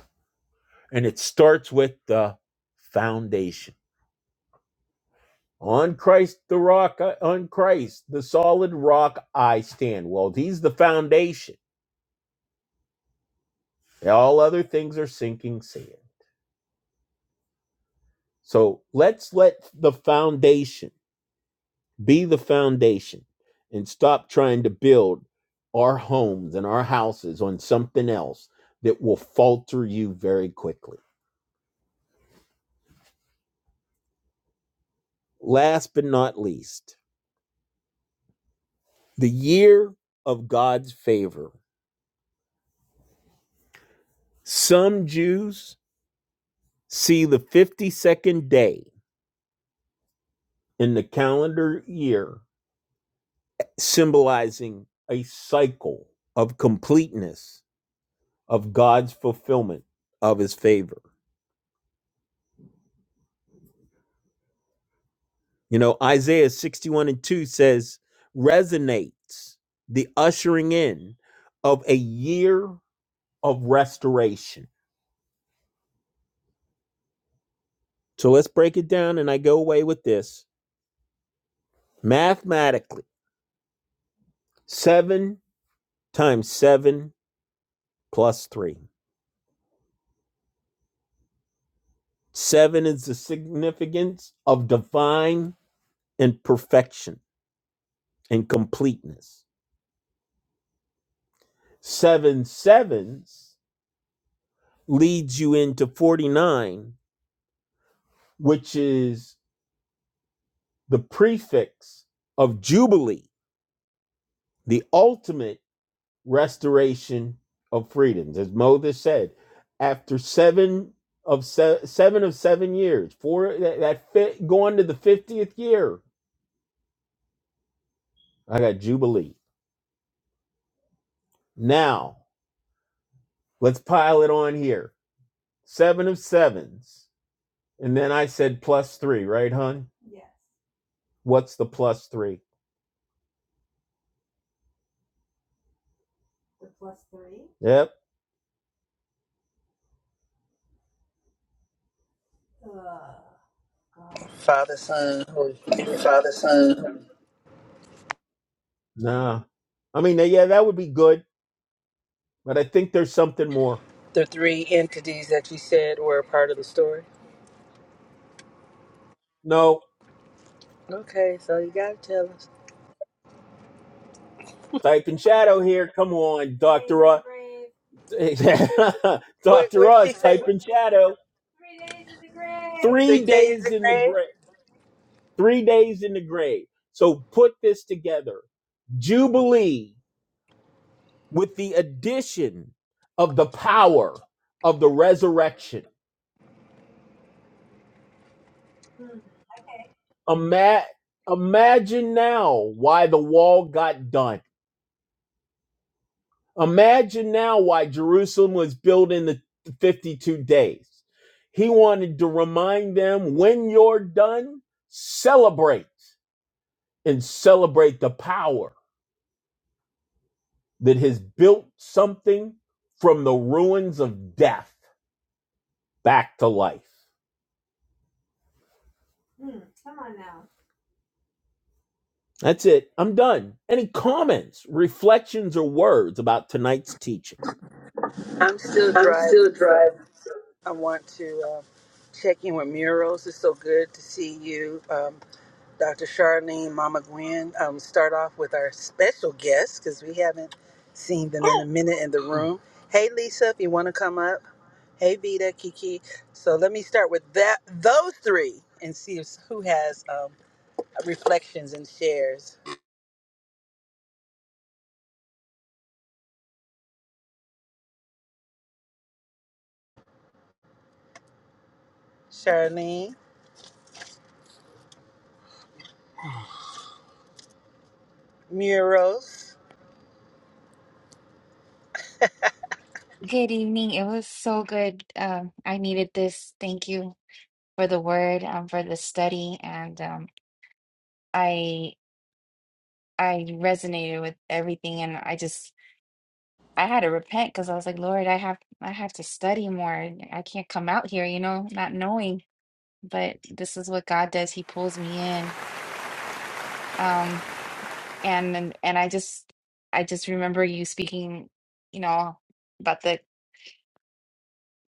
And it starts with the foundation. On Christ the rock, uh, on Christ, the solid rock I stand. Well, he's the foundation. All other things are sinking sand. So let's let the foundation Be the foundation and stop trying to build our homes and our houses on something else that will falter you very quickly. Last but not least, the year of God's favor. Some Jews see the 52nd day in the calendar year symbolizing a cycle of completeness of God's fulfillment of his favor. You know, Isaiah 61 and 2 says, resonates the ushering in of a year of restoration. So let's break it down, and I go away with this. Mathematically, 7 times 7 plus 3. 7 is the significance of divine and perfection and completeness. 7 sevens leads you into 49, which is the prefix of Jubilee, the ultimate restoration of freedoms. As Moses said, after seven of se- seven of seven years, four that, that fit, going to the 50th year, I got Jubilee. Now, let's pile it on here. Seven of sevens. And then I said plus three, right, hon? What's the plus three? Yep.
Father, Son, Holy Spirit.
Father, Son, Nah. I mean, yeah, that would be good, but I think there's something more.
The three entities that you said were a part of the story.
No,
Okay, so you gotta tell us.
Type in shadow here. Come on.
What
Dr.
what she
Oz, type
say?
in shadow.
Three
Three
days in
days
the
in the
grave?
grave. Three days in the grave. So put this together. Jubilee with the addition of the power of the resurrection. Ima- imagine now why the wall got done. Imagine now why Jerusalem was built in the 52 days. He wanted to remind them when you're done, celebrate and celebrate the power that has built something from the ruins of death back to life. That's it. I'm done. Any comments, reflections, or words about tonight's teaching?
I'm still
I'm
driving,
still
so
driving.
I want to uh, check in with Murals. It's so good to see you, um, Dr. Charlene, Mama Gwen. Um, start off with our special guests because we haven't seen them in a minute in the room. Hey, Lisa, if you want to come up. Hey, Vita, Kiki. So let me start with that those three and see if, who has um, reflections and shares. Charlene, Murals.
Good evening. It was so good. Um, I needed this. Thank you for the word, um, for the study, and um, I I resonated with everything. And I just I had to repent because I was like, Lord, I have I have to study more. I can't come out here, you know, not knowing. But this is what God does. He pulls me in. Um, and and, and I just I just remember you speaking, you know, about the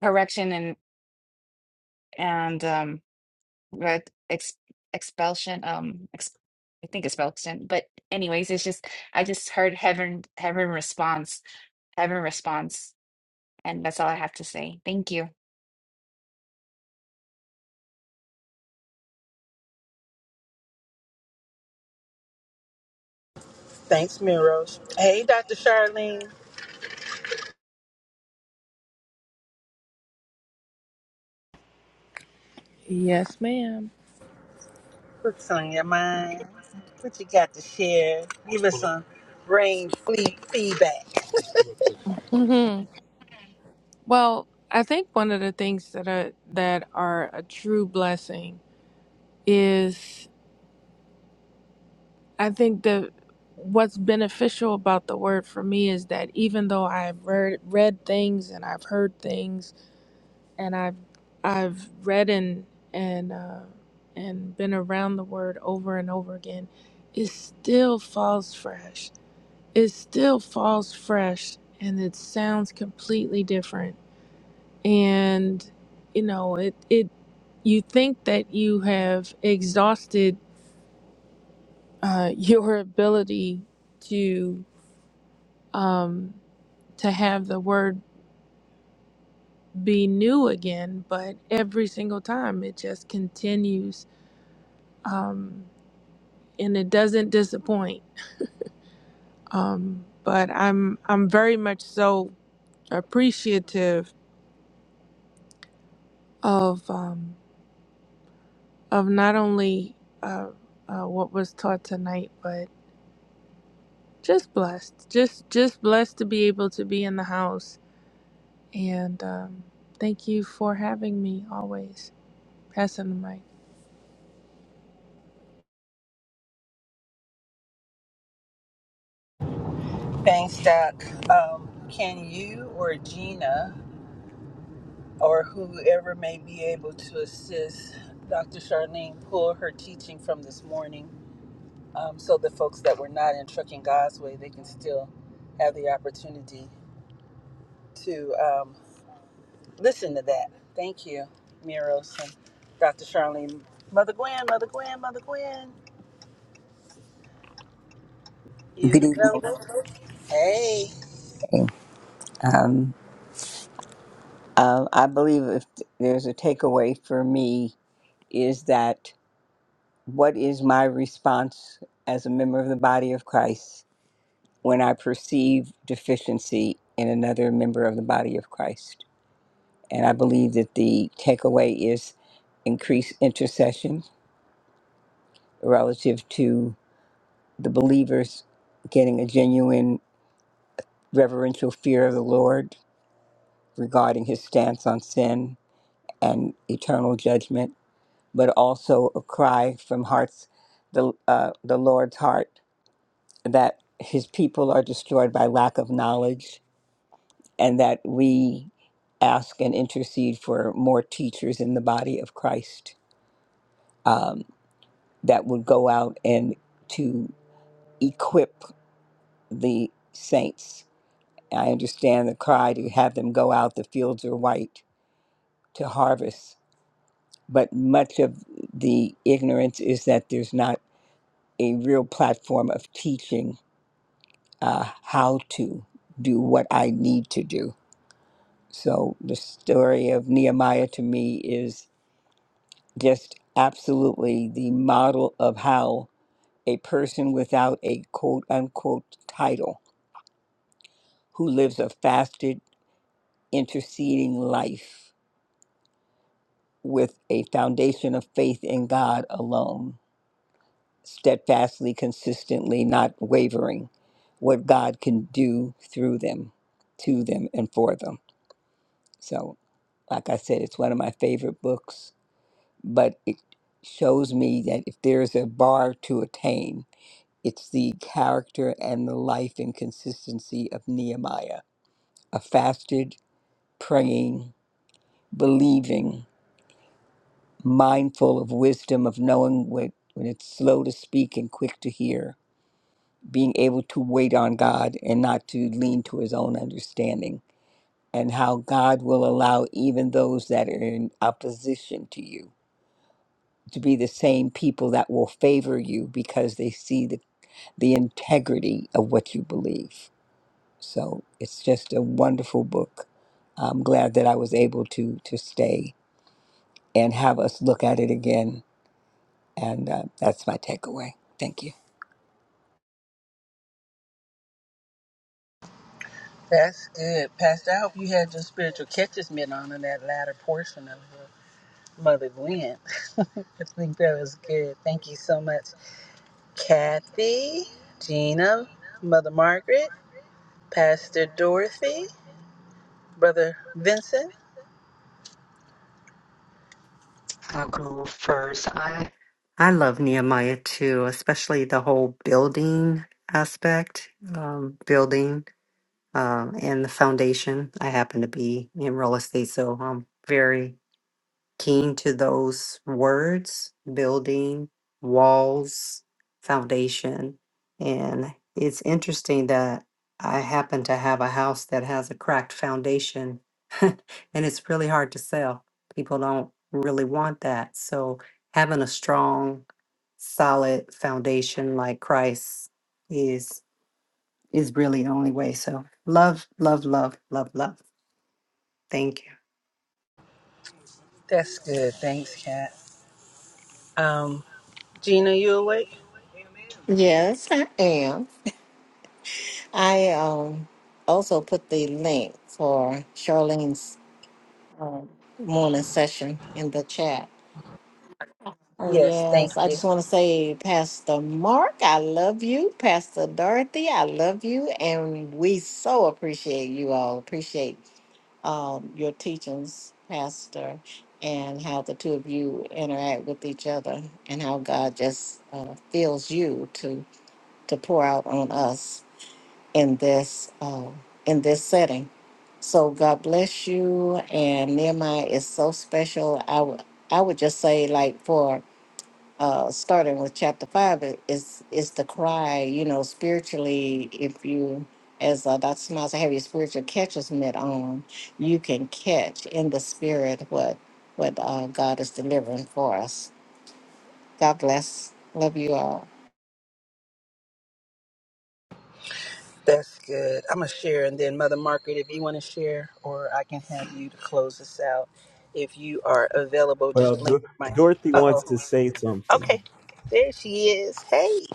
correction and and um. right ex expulsion um ex I think expulsion but anyways it's just I just heard heaven heaven response heaven response and that's all I have to say thank you
Thanks, Murals. Hey, Dr. Charlene.
Yes, madam
What's on your mind? What you got to share? Give us some brain fleet feedback.
hmm Well, I think one of the things that are that are a true blessing is I think the what's beneficial about the word for me is that even though I've read read things and I've heard things and I've I've read and and uh, and been around the word over and over again, it still falls fresh. It still falls fresh, and it sounds completely different. And you know, it it you think that you have exhausted uh, your ability to um, to have the word be new again, but every single time it just continues. Um, and it doesn't disappoint. Um, but I'm I'm very much so appreciative of um, of not only uh, uh, what was taught tonight, but just blessed, just just blessed to be able to be in the house. And um, thank you for having me always. Passing the mic.
Thanks, Doc. Um, can you or Gina or whoever may be able to assist Dr. Charlene pull her teaching from this morning um, so the folks that were not in Trucking God's Way, they can still have the opportunity to um, listen to that. Thank you, Miros and Dr. Charlene. Mother Gwen, Mother Gwen, Mother Gwen, you
good evening.
available? Hey,
Um, uh, I believe if there's a takeaway for me is that what is my response as a member of the body of Christ when I perceive deficiency in another member of the body of Christ? And I believe that the takeaway is increased intercession relative to the believers getting a genuine reverential fear of the Lord regarding his stance on sin and eternal judgment but also a cry from hearts, the, uh, the Lord's heart, that his people are destroyed by lack of knowledge, and that we ask and intercede for more teachers in the body of Christ um, that would go out and to equip the saints. I understand the cry to have them go out, the fields are white to harvest, but much of the ignorance is that there's not a real platform of teaching uh, how to do what I need to do. So the story of Nehemiah to me is just absolutely the model of how a person without a quote unquote title who lives a fasted, interceding life with a foundation of faith in God alone, steadfastly, consistently, not wavering, what God can do through them, to them, and for them. So Like I said, it's one of my favorite books, but it shows me that if there is a bar to attain, it's the character and the life and consistency of Nehemiah, a fasted, praying, believing, mindful of wisdom, of knowing when, when it's slow to speak and quick to hear, being able to wait on God and not to lean to his own understanding, and how God will allow even those that are in opposition to you to be the same people that will favor you because they see the, the integrity of what you believe. So it's just a wonderful book. I'm glad that I was able to to stay and have us look at it again. And uh, that's my takeaway. Thank you.
that's good. Pastor, I hope you had your spiritual catches met on in that latter portion of your Mother Gwen. I think that was good. Thank you so much. Kathy, Gina, Mother Margaret, Pastor Dorothy, Brother Vincent.
I'll go first. I I love Nehemiah too, especially the whole building aspect, um, building um, and the foundation. I happen to be in real estate, so I'm very keen to those words building walls foundation and it's interesting that i happen to have a house that has a cracked foundation and it's really hard to sell people don't really want that so having a strong solid foundation like christ is is really the only way so love love love love love thank you
That's good. Thanks, Kat. Um, Gina, you awake?
Yes, I am. I um, also put the link for Charlene's morning session in the chat. Oh,
Yes,
yes.
thank
I
you.
just want to say, Pastor Mark, I love you. Pastor Dorothy, I love you. And we so appreciate you all. Appreciate um, your teachings, Pastor, and how the two of you interact with each other and how God just uh, feels you to, to pour out on us. in this uh, in this setting. So God bless you. And Nehemiah is so special. I would I would just say like for uh, starting with chapter five, it is is the cry. You know, spiritually, if you as uh, Dr. Smiles, have your spiritual catcher's mitt on, you can catch in the spirit what what uh, God is delivering for us. God bless. Love you all.
That's good. I'm gonna share, and then Mother Margaret, if you want to share, or I can have you to close us out. If you are available,
Well,
just blink
Dor-
my.
Dorothy
Uh
wants
oh.
to say something.
Okay. There she is. Hey.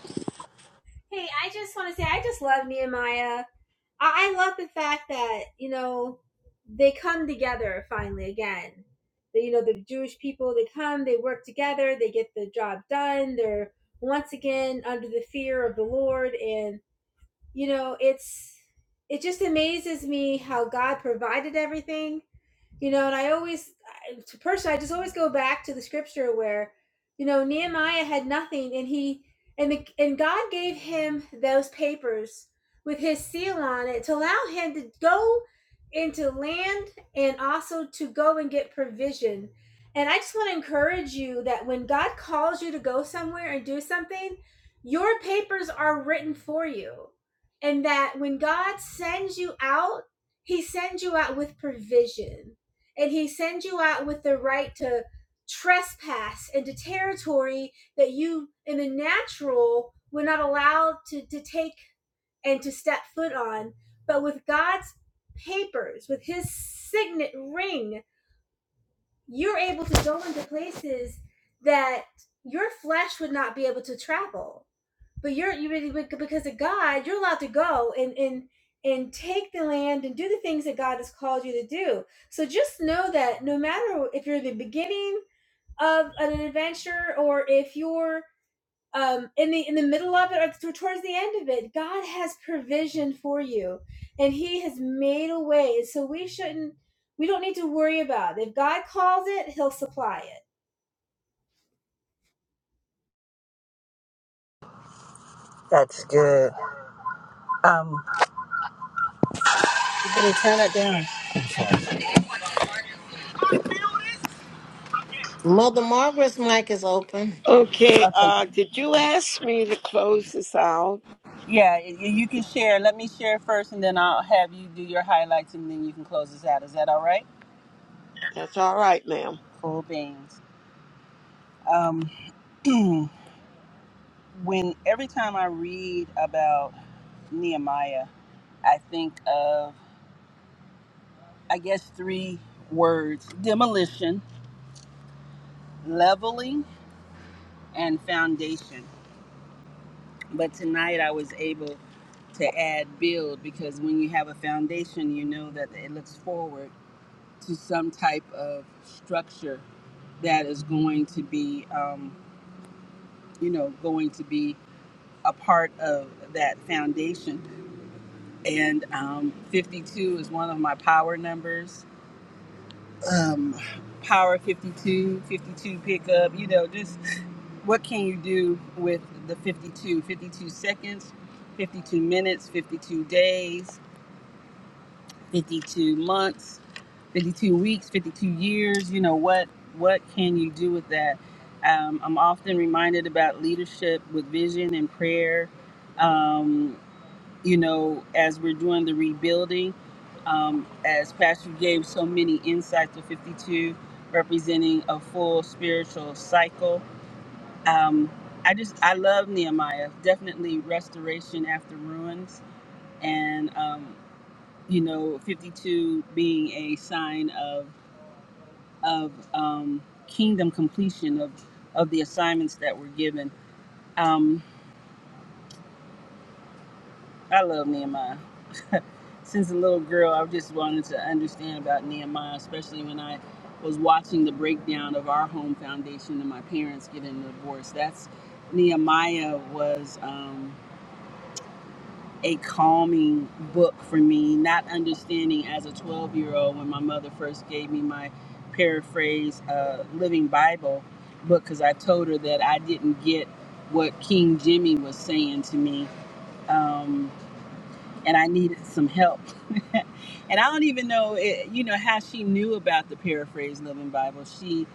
That's good. Um. Can you turn it down?
Mother Margaret's mic is open.
Okay.
Okay.
Uh, did you ask me to close this out?
Yeah, y- y- you can share. Let me share first, and then I'll have you do your highlights, and then you can close us out. Is that all right?
That's all right, ma'am.
Cool beans. Um. when every time I read about Nehemiah, I think of I guess, three words demolition, leveling, and foundation. But tonight I was able to add build because when you have a foundation, you know that it looks forward to some type of structure that is going to be, um, you know, going to be a part of that foundation. And um, 52 is one of my power numbers. Um, power 52, 52 pickup, you know, just what can you do with the 52 52 seconds 52 minutes 52 days 52 months 52 weeks 52 years you know what what can you do with that um, i'm often reminded about leadership with vision and prayer um, you know as we're doing the rebuilding um, as pastor gave so many insights of 52 representing a full spiritual cycle um, I just I love Nehemiah. Definitely restoration after ruins, and um, you know, 52 being a sign of of um, kingdom completion of of the assignments that were given. Um, I love Nehemiah. Since a little girl, I just wanted to understand about Nehemiah, especially when I was watching the breakdown of our home foundation and my parents getting divorced. That's Nehemiah was. Um, a calming book for me, not understanding as a 12 year old when my mother first gave me my paraphrase uh, Living Bible book because I told her that I didn't get what King Jimmy was saying to me. Um, and I needed some help. and I don't even know, it, you know, how she knew about the paraphrased Living Bible. She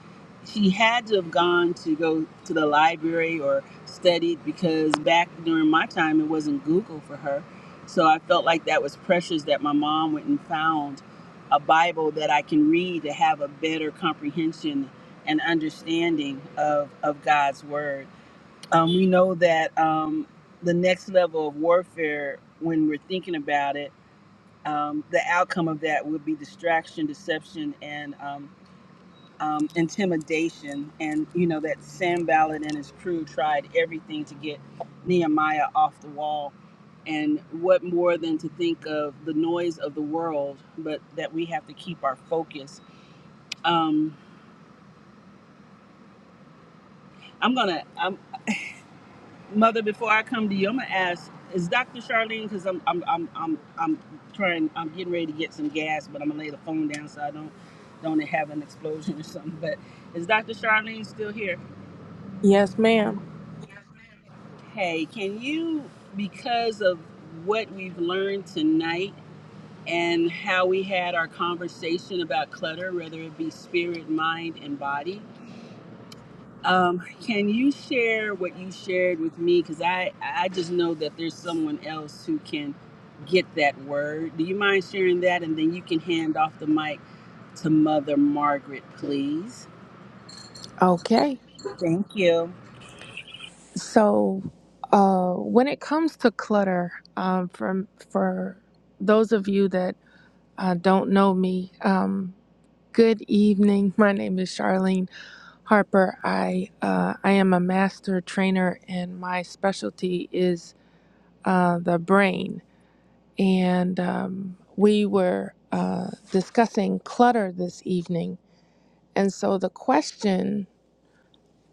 she had to have gone to go to the library or studied because back during my time it wasn't Google for her. So I felt like that was precious that my mom went and found a Bible that I can read to have a better comprehension and understanding of of God's word um, we know that um, the next level of warfare, when we're thinking about it, um, the outcome of that would be distraction, deception, and um, um, intimidation. And you know that Sam Ballard and his crew tried everything to get Nehemiah off the wall. And what more than to think of the noise of the world, but that we have to keep our focus. Um, I'm gonna. I'm, Mother, before I come to you, I'm gonna ask: Is Dr. Charlene? Because I'm, I'm, I'm, I'm, I'm trying. I'm getting ready to get some gas, but I'm gonna lay the phone down so I don't, don't have an explosion or something. But is Dr. Charlene still here?
Yes, ma'am.
Hey, can you, because of what we've learned tonight and how we had our conversation about clutter, whether it be spirit, mind, and body, Um, can you share what you shared with me? Because I, I just know that there's someone else who can get that word. Do you mind sharing that? And then you can hand off the mic to Mother Margaret, please.
Okay.
Thank you.
So uh, when it comes to clutter, um, from for those of you that uh, don't know me, um, good evening. My name is Charlene Harper. I uh, I am a master trainer, and my specialty is uh, the brain. And um, we were uh, discussing clutter this evening, and so the question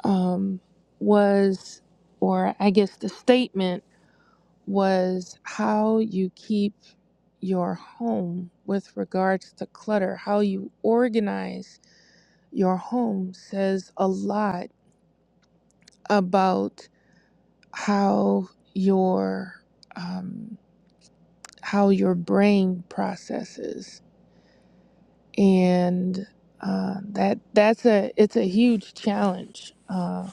um, was, or I guess the statement was, how you keep your home with regards to clutter, how you organize Your home says a lot about how your um, how your brain processes, and uh, that that's a it's a huge challenge. Uh,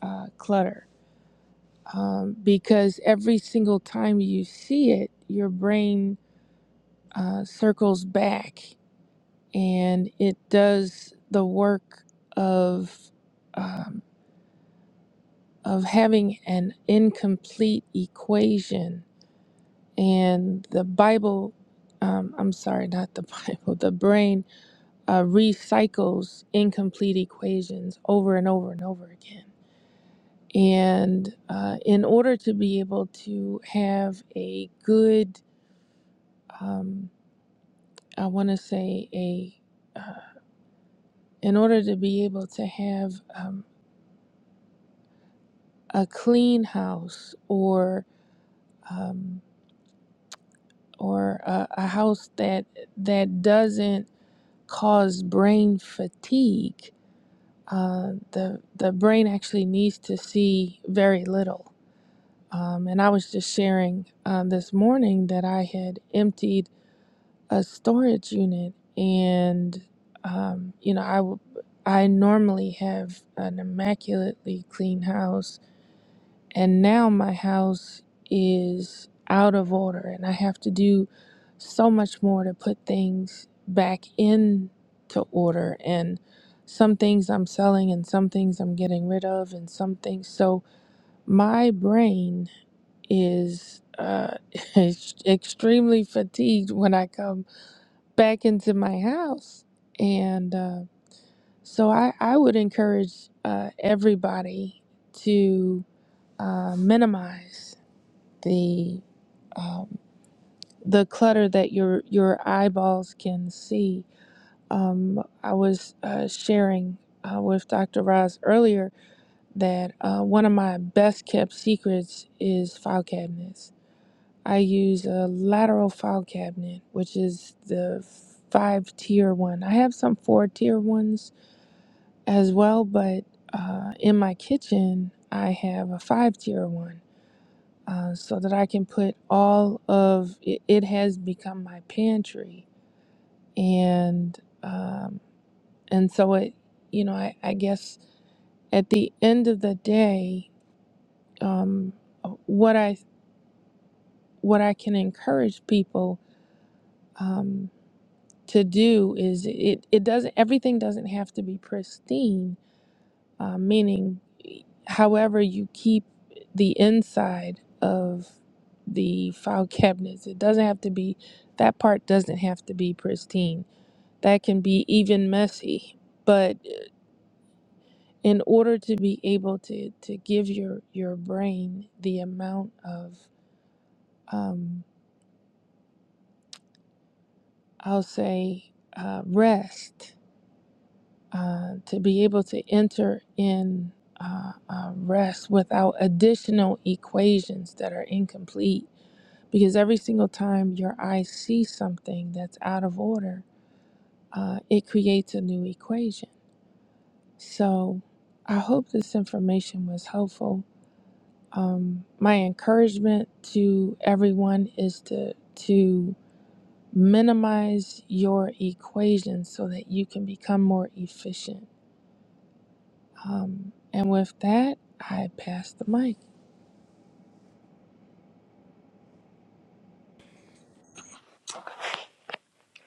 uh, clutter um, because every single time you see it, your brain uh, circles back and it does the work of um, of having an incomplete equation. And the Bible, um, I'm sorry, not the Bible, the brain uh, recycles incomplete equations over and over and over again. And uh, in order to be able to have a good, um, I want to say, a uh, in order to be able to have um, a clean house or um, or a, a house that that doesn't cause brain fatigue. Uh, the the brain actually needs to see very little. Um, and I was just sharing uh, this morning that I had emptied a storage unit, and um, you know I w- I normally have an immaculately clean house and now my house is out of order, and I have to do so much more to put things back into order. And some things I'm selling, and some things I'm getting rid of, and some things. So my brain is uh, is extremely fatigued when I come back into my house. And uh, so I, I would encourage uh, everybody to uh, minimize the um, the clutter that your your eyeballs can see. Um, I was uh, sharing uh, with Dr. Roz earlier that uh, one of my best kept secrets is file cabinets. I use a lateral file cabinet, which is the five tier one. I have some four tier ones as well, but uh, in my kitchen, I have a five tier one uh, so that I can put all of it, it has become my pantry and um, and so it you know I, I guess at the end of the day um, what I what I can encourage people um, to do is it, it doesn't everything doesn't have to be pristine uh, meaning however you keep the inside of the file cabinets it doesn't have to be that part doesn't have to be pristine that can be even messy but uh, in order to be able to to give your your brain the amount of um, i'll say uh, rest uh, to be able to enter in uh, uh, rest without additional equations that are incomplete Because every single time your eyes see something that's out of order, uh, it creates a new equation. So I hope this information was helpful. Um, my encouragement to everyone is to to minimize your equations so that you can become more efficient. Um, and with that, I pass the mic.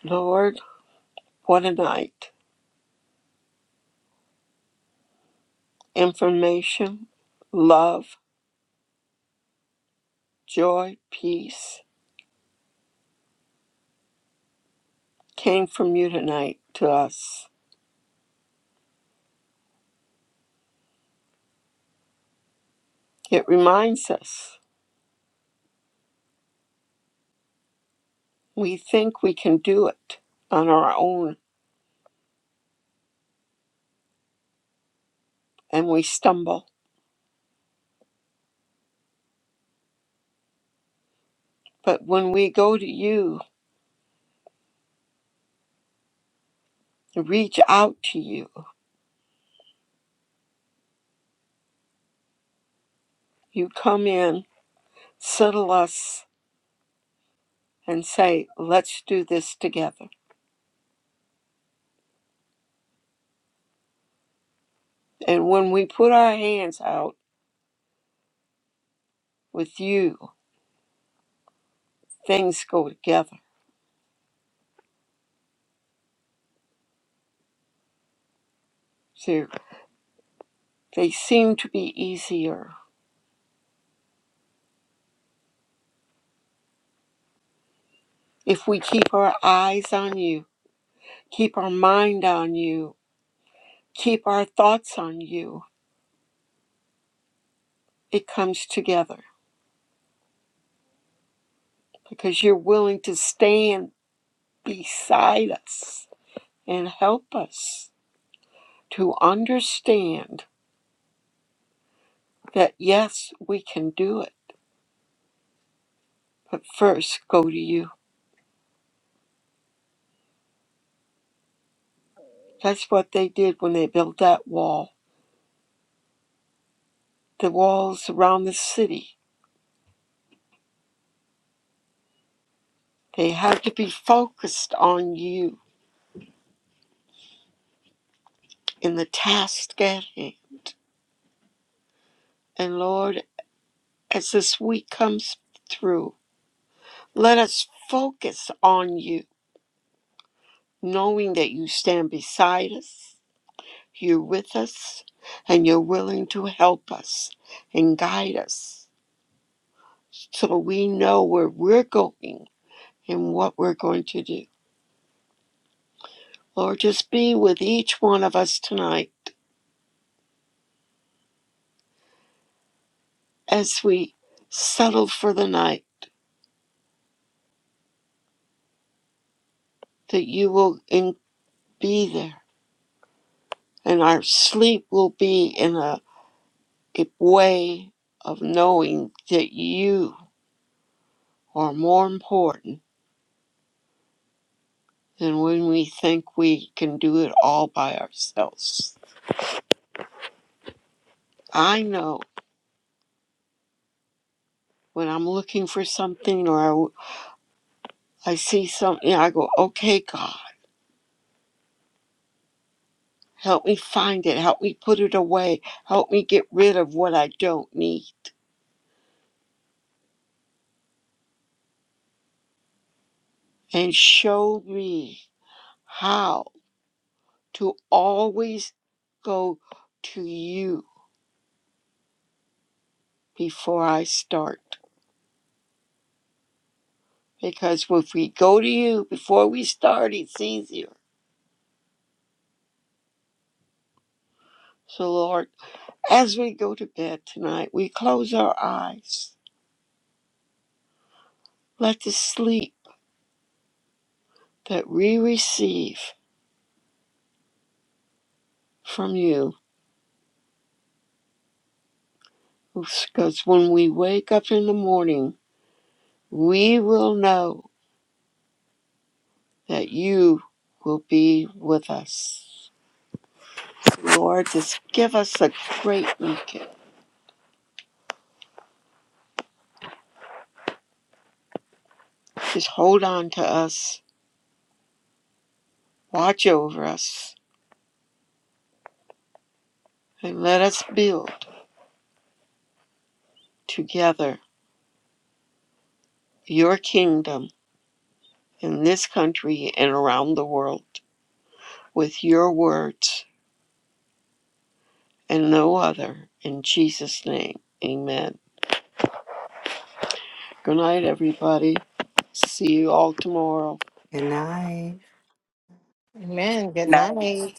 Lord, what a night. Information, love, joy, peace came from you tonight to us. It reminds us we think we can do it on our own and we stumble. But when we go to you, reach out to you. You come in, settle us, and say, let's do this together. And when we put our hands out with you, things go together. So they seem to be easier if we keep our eyes on you, keep our mind on you, keep our thoughts on you. It comes together because you're willing to stand beside us and help us to understand that yes, we can do it but first go to you. That's what they did when they built that wall. The walls around the city, they had to be focused on you in the task at hand. And Lord, as this week comes through, let us focus on you, knowing that you stand beside us, you're with us, and you're willing to help us and guide us so we know where we're going and what we're going to do. Lord, just be with each one of us tonight as we settle for the night, that you will in- be there and our sleep will be in a, a way of knowing that you are more important than when we think we can do it all by ourselves. I know when I'm looking for something or I, I see something, I go, okay, God, help me find it, help me put it away, help me get rid of what I don't need. and showed me how to always go to you before I start. Because if we go to you before we start, it's easier. So, Lord, as we go to bed tonight, we close our eyes. Let the sleep that we receive from you, because when we wake up in the morning, we will know that you will be with us. Lord, just give us a great weekend. Just hold on to us, watch over us, and let us build together your kingdom in this country and around the world with your words and no other. In Jesus' name, amen. Good night, everybody. See you all tomorrow.
good night
Amen. Good night.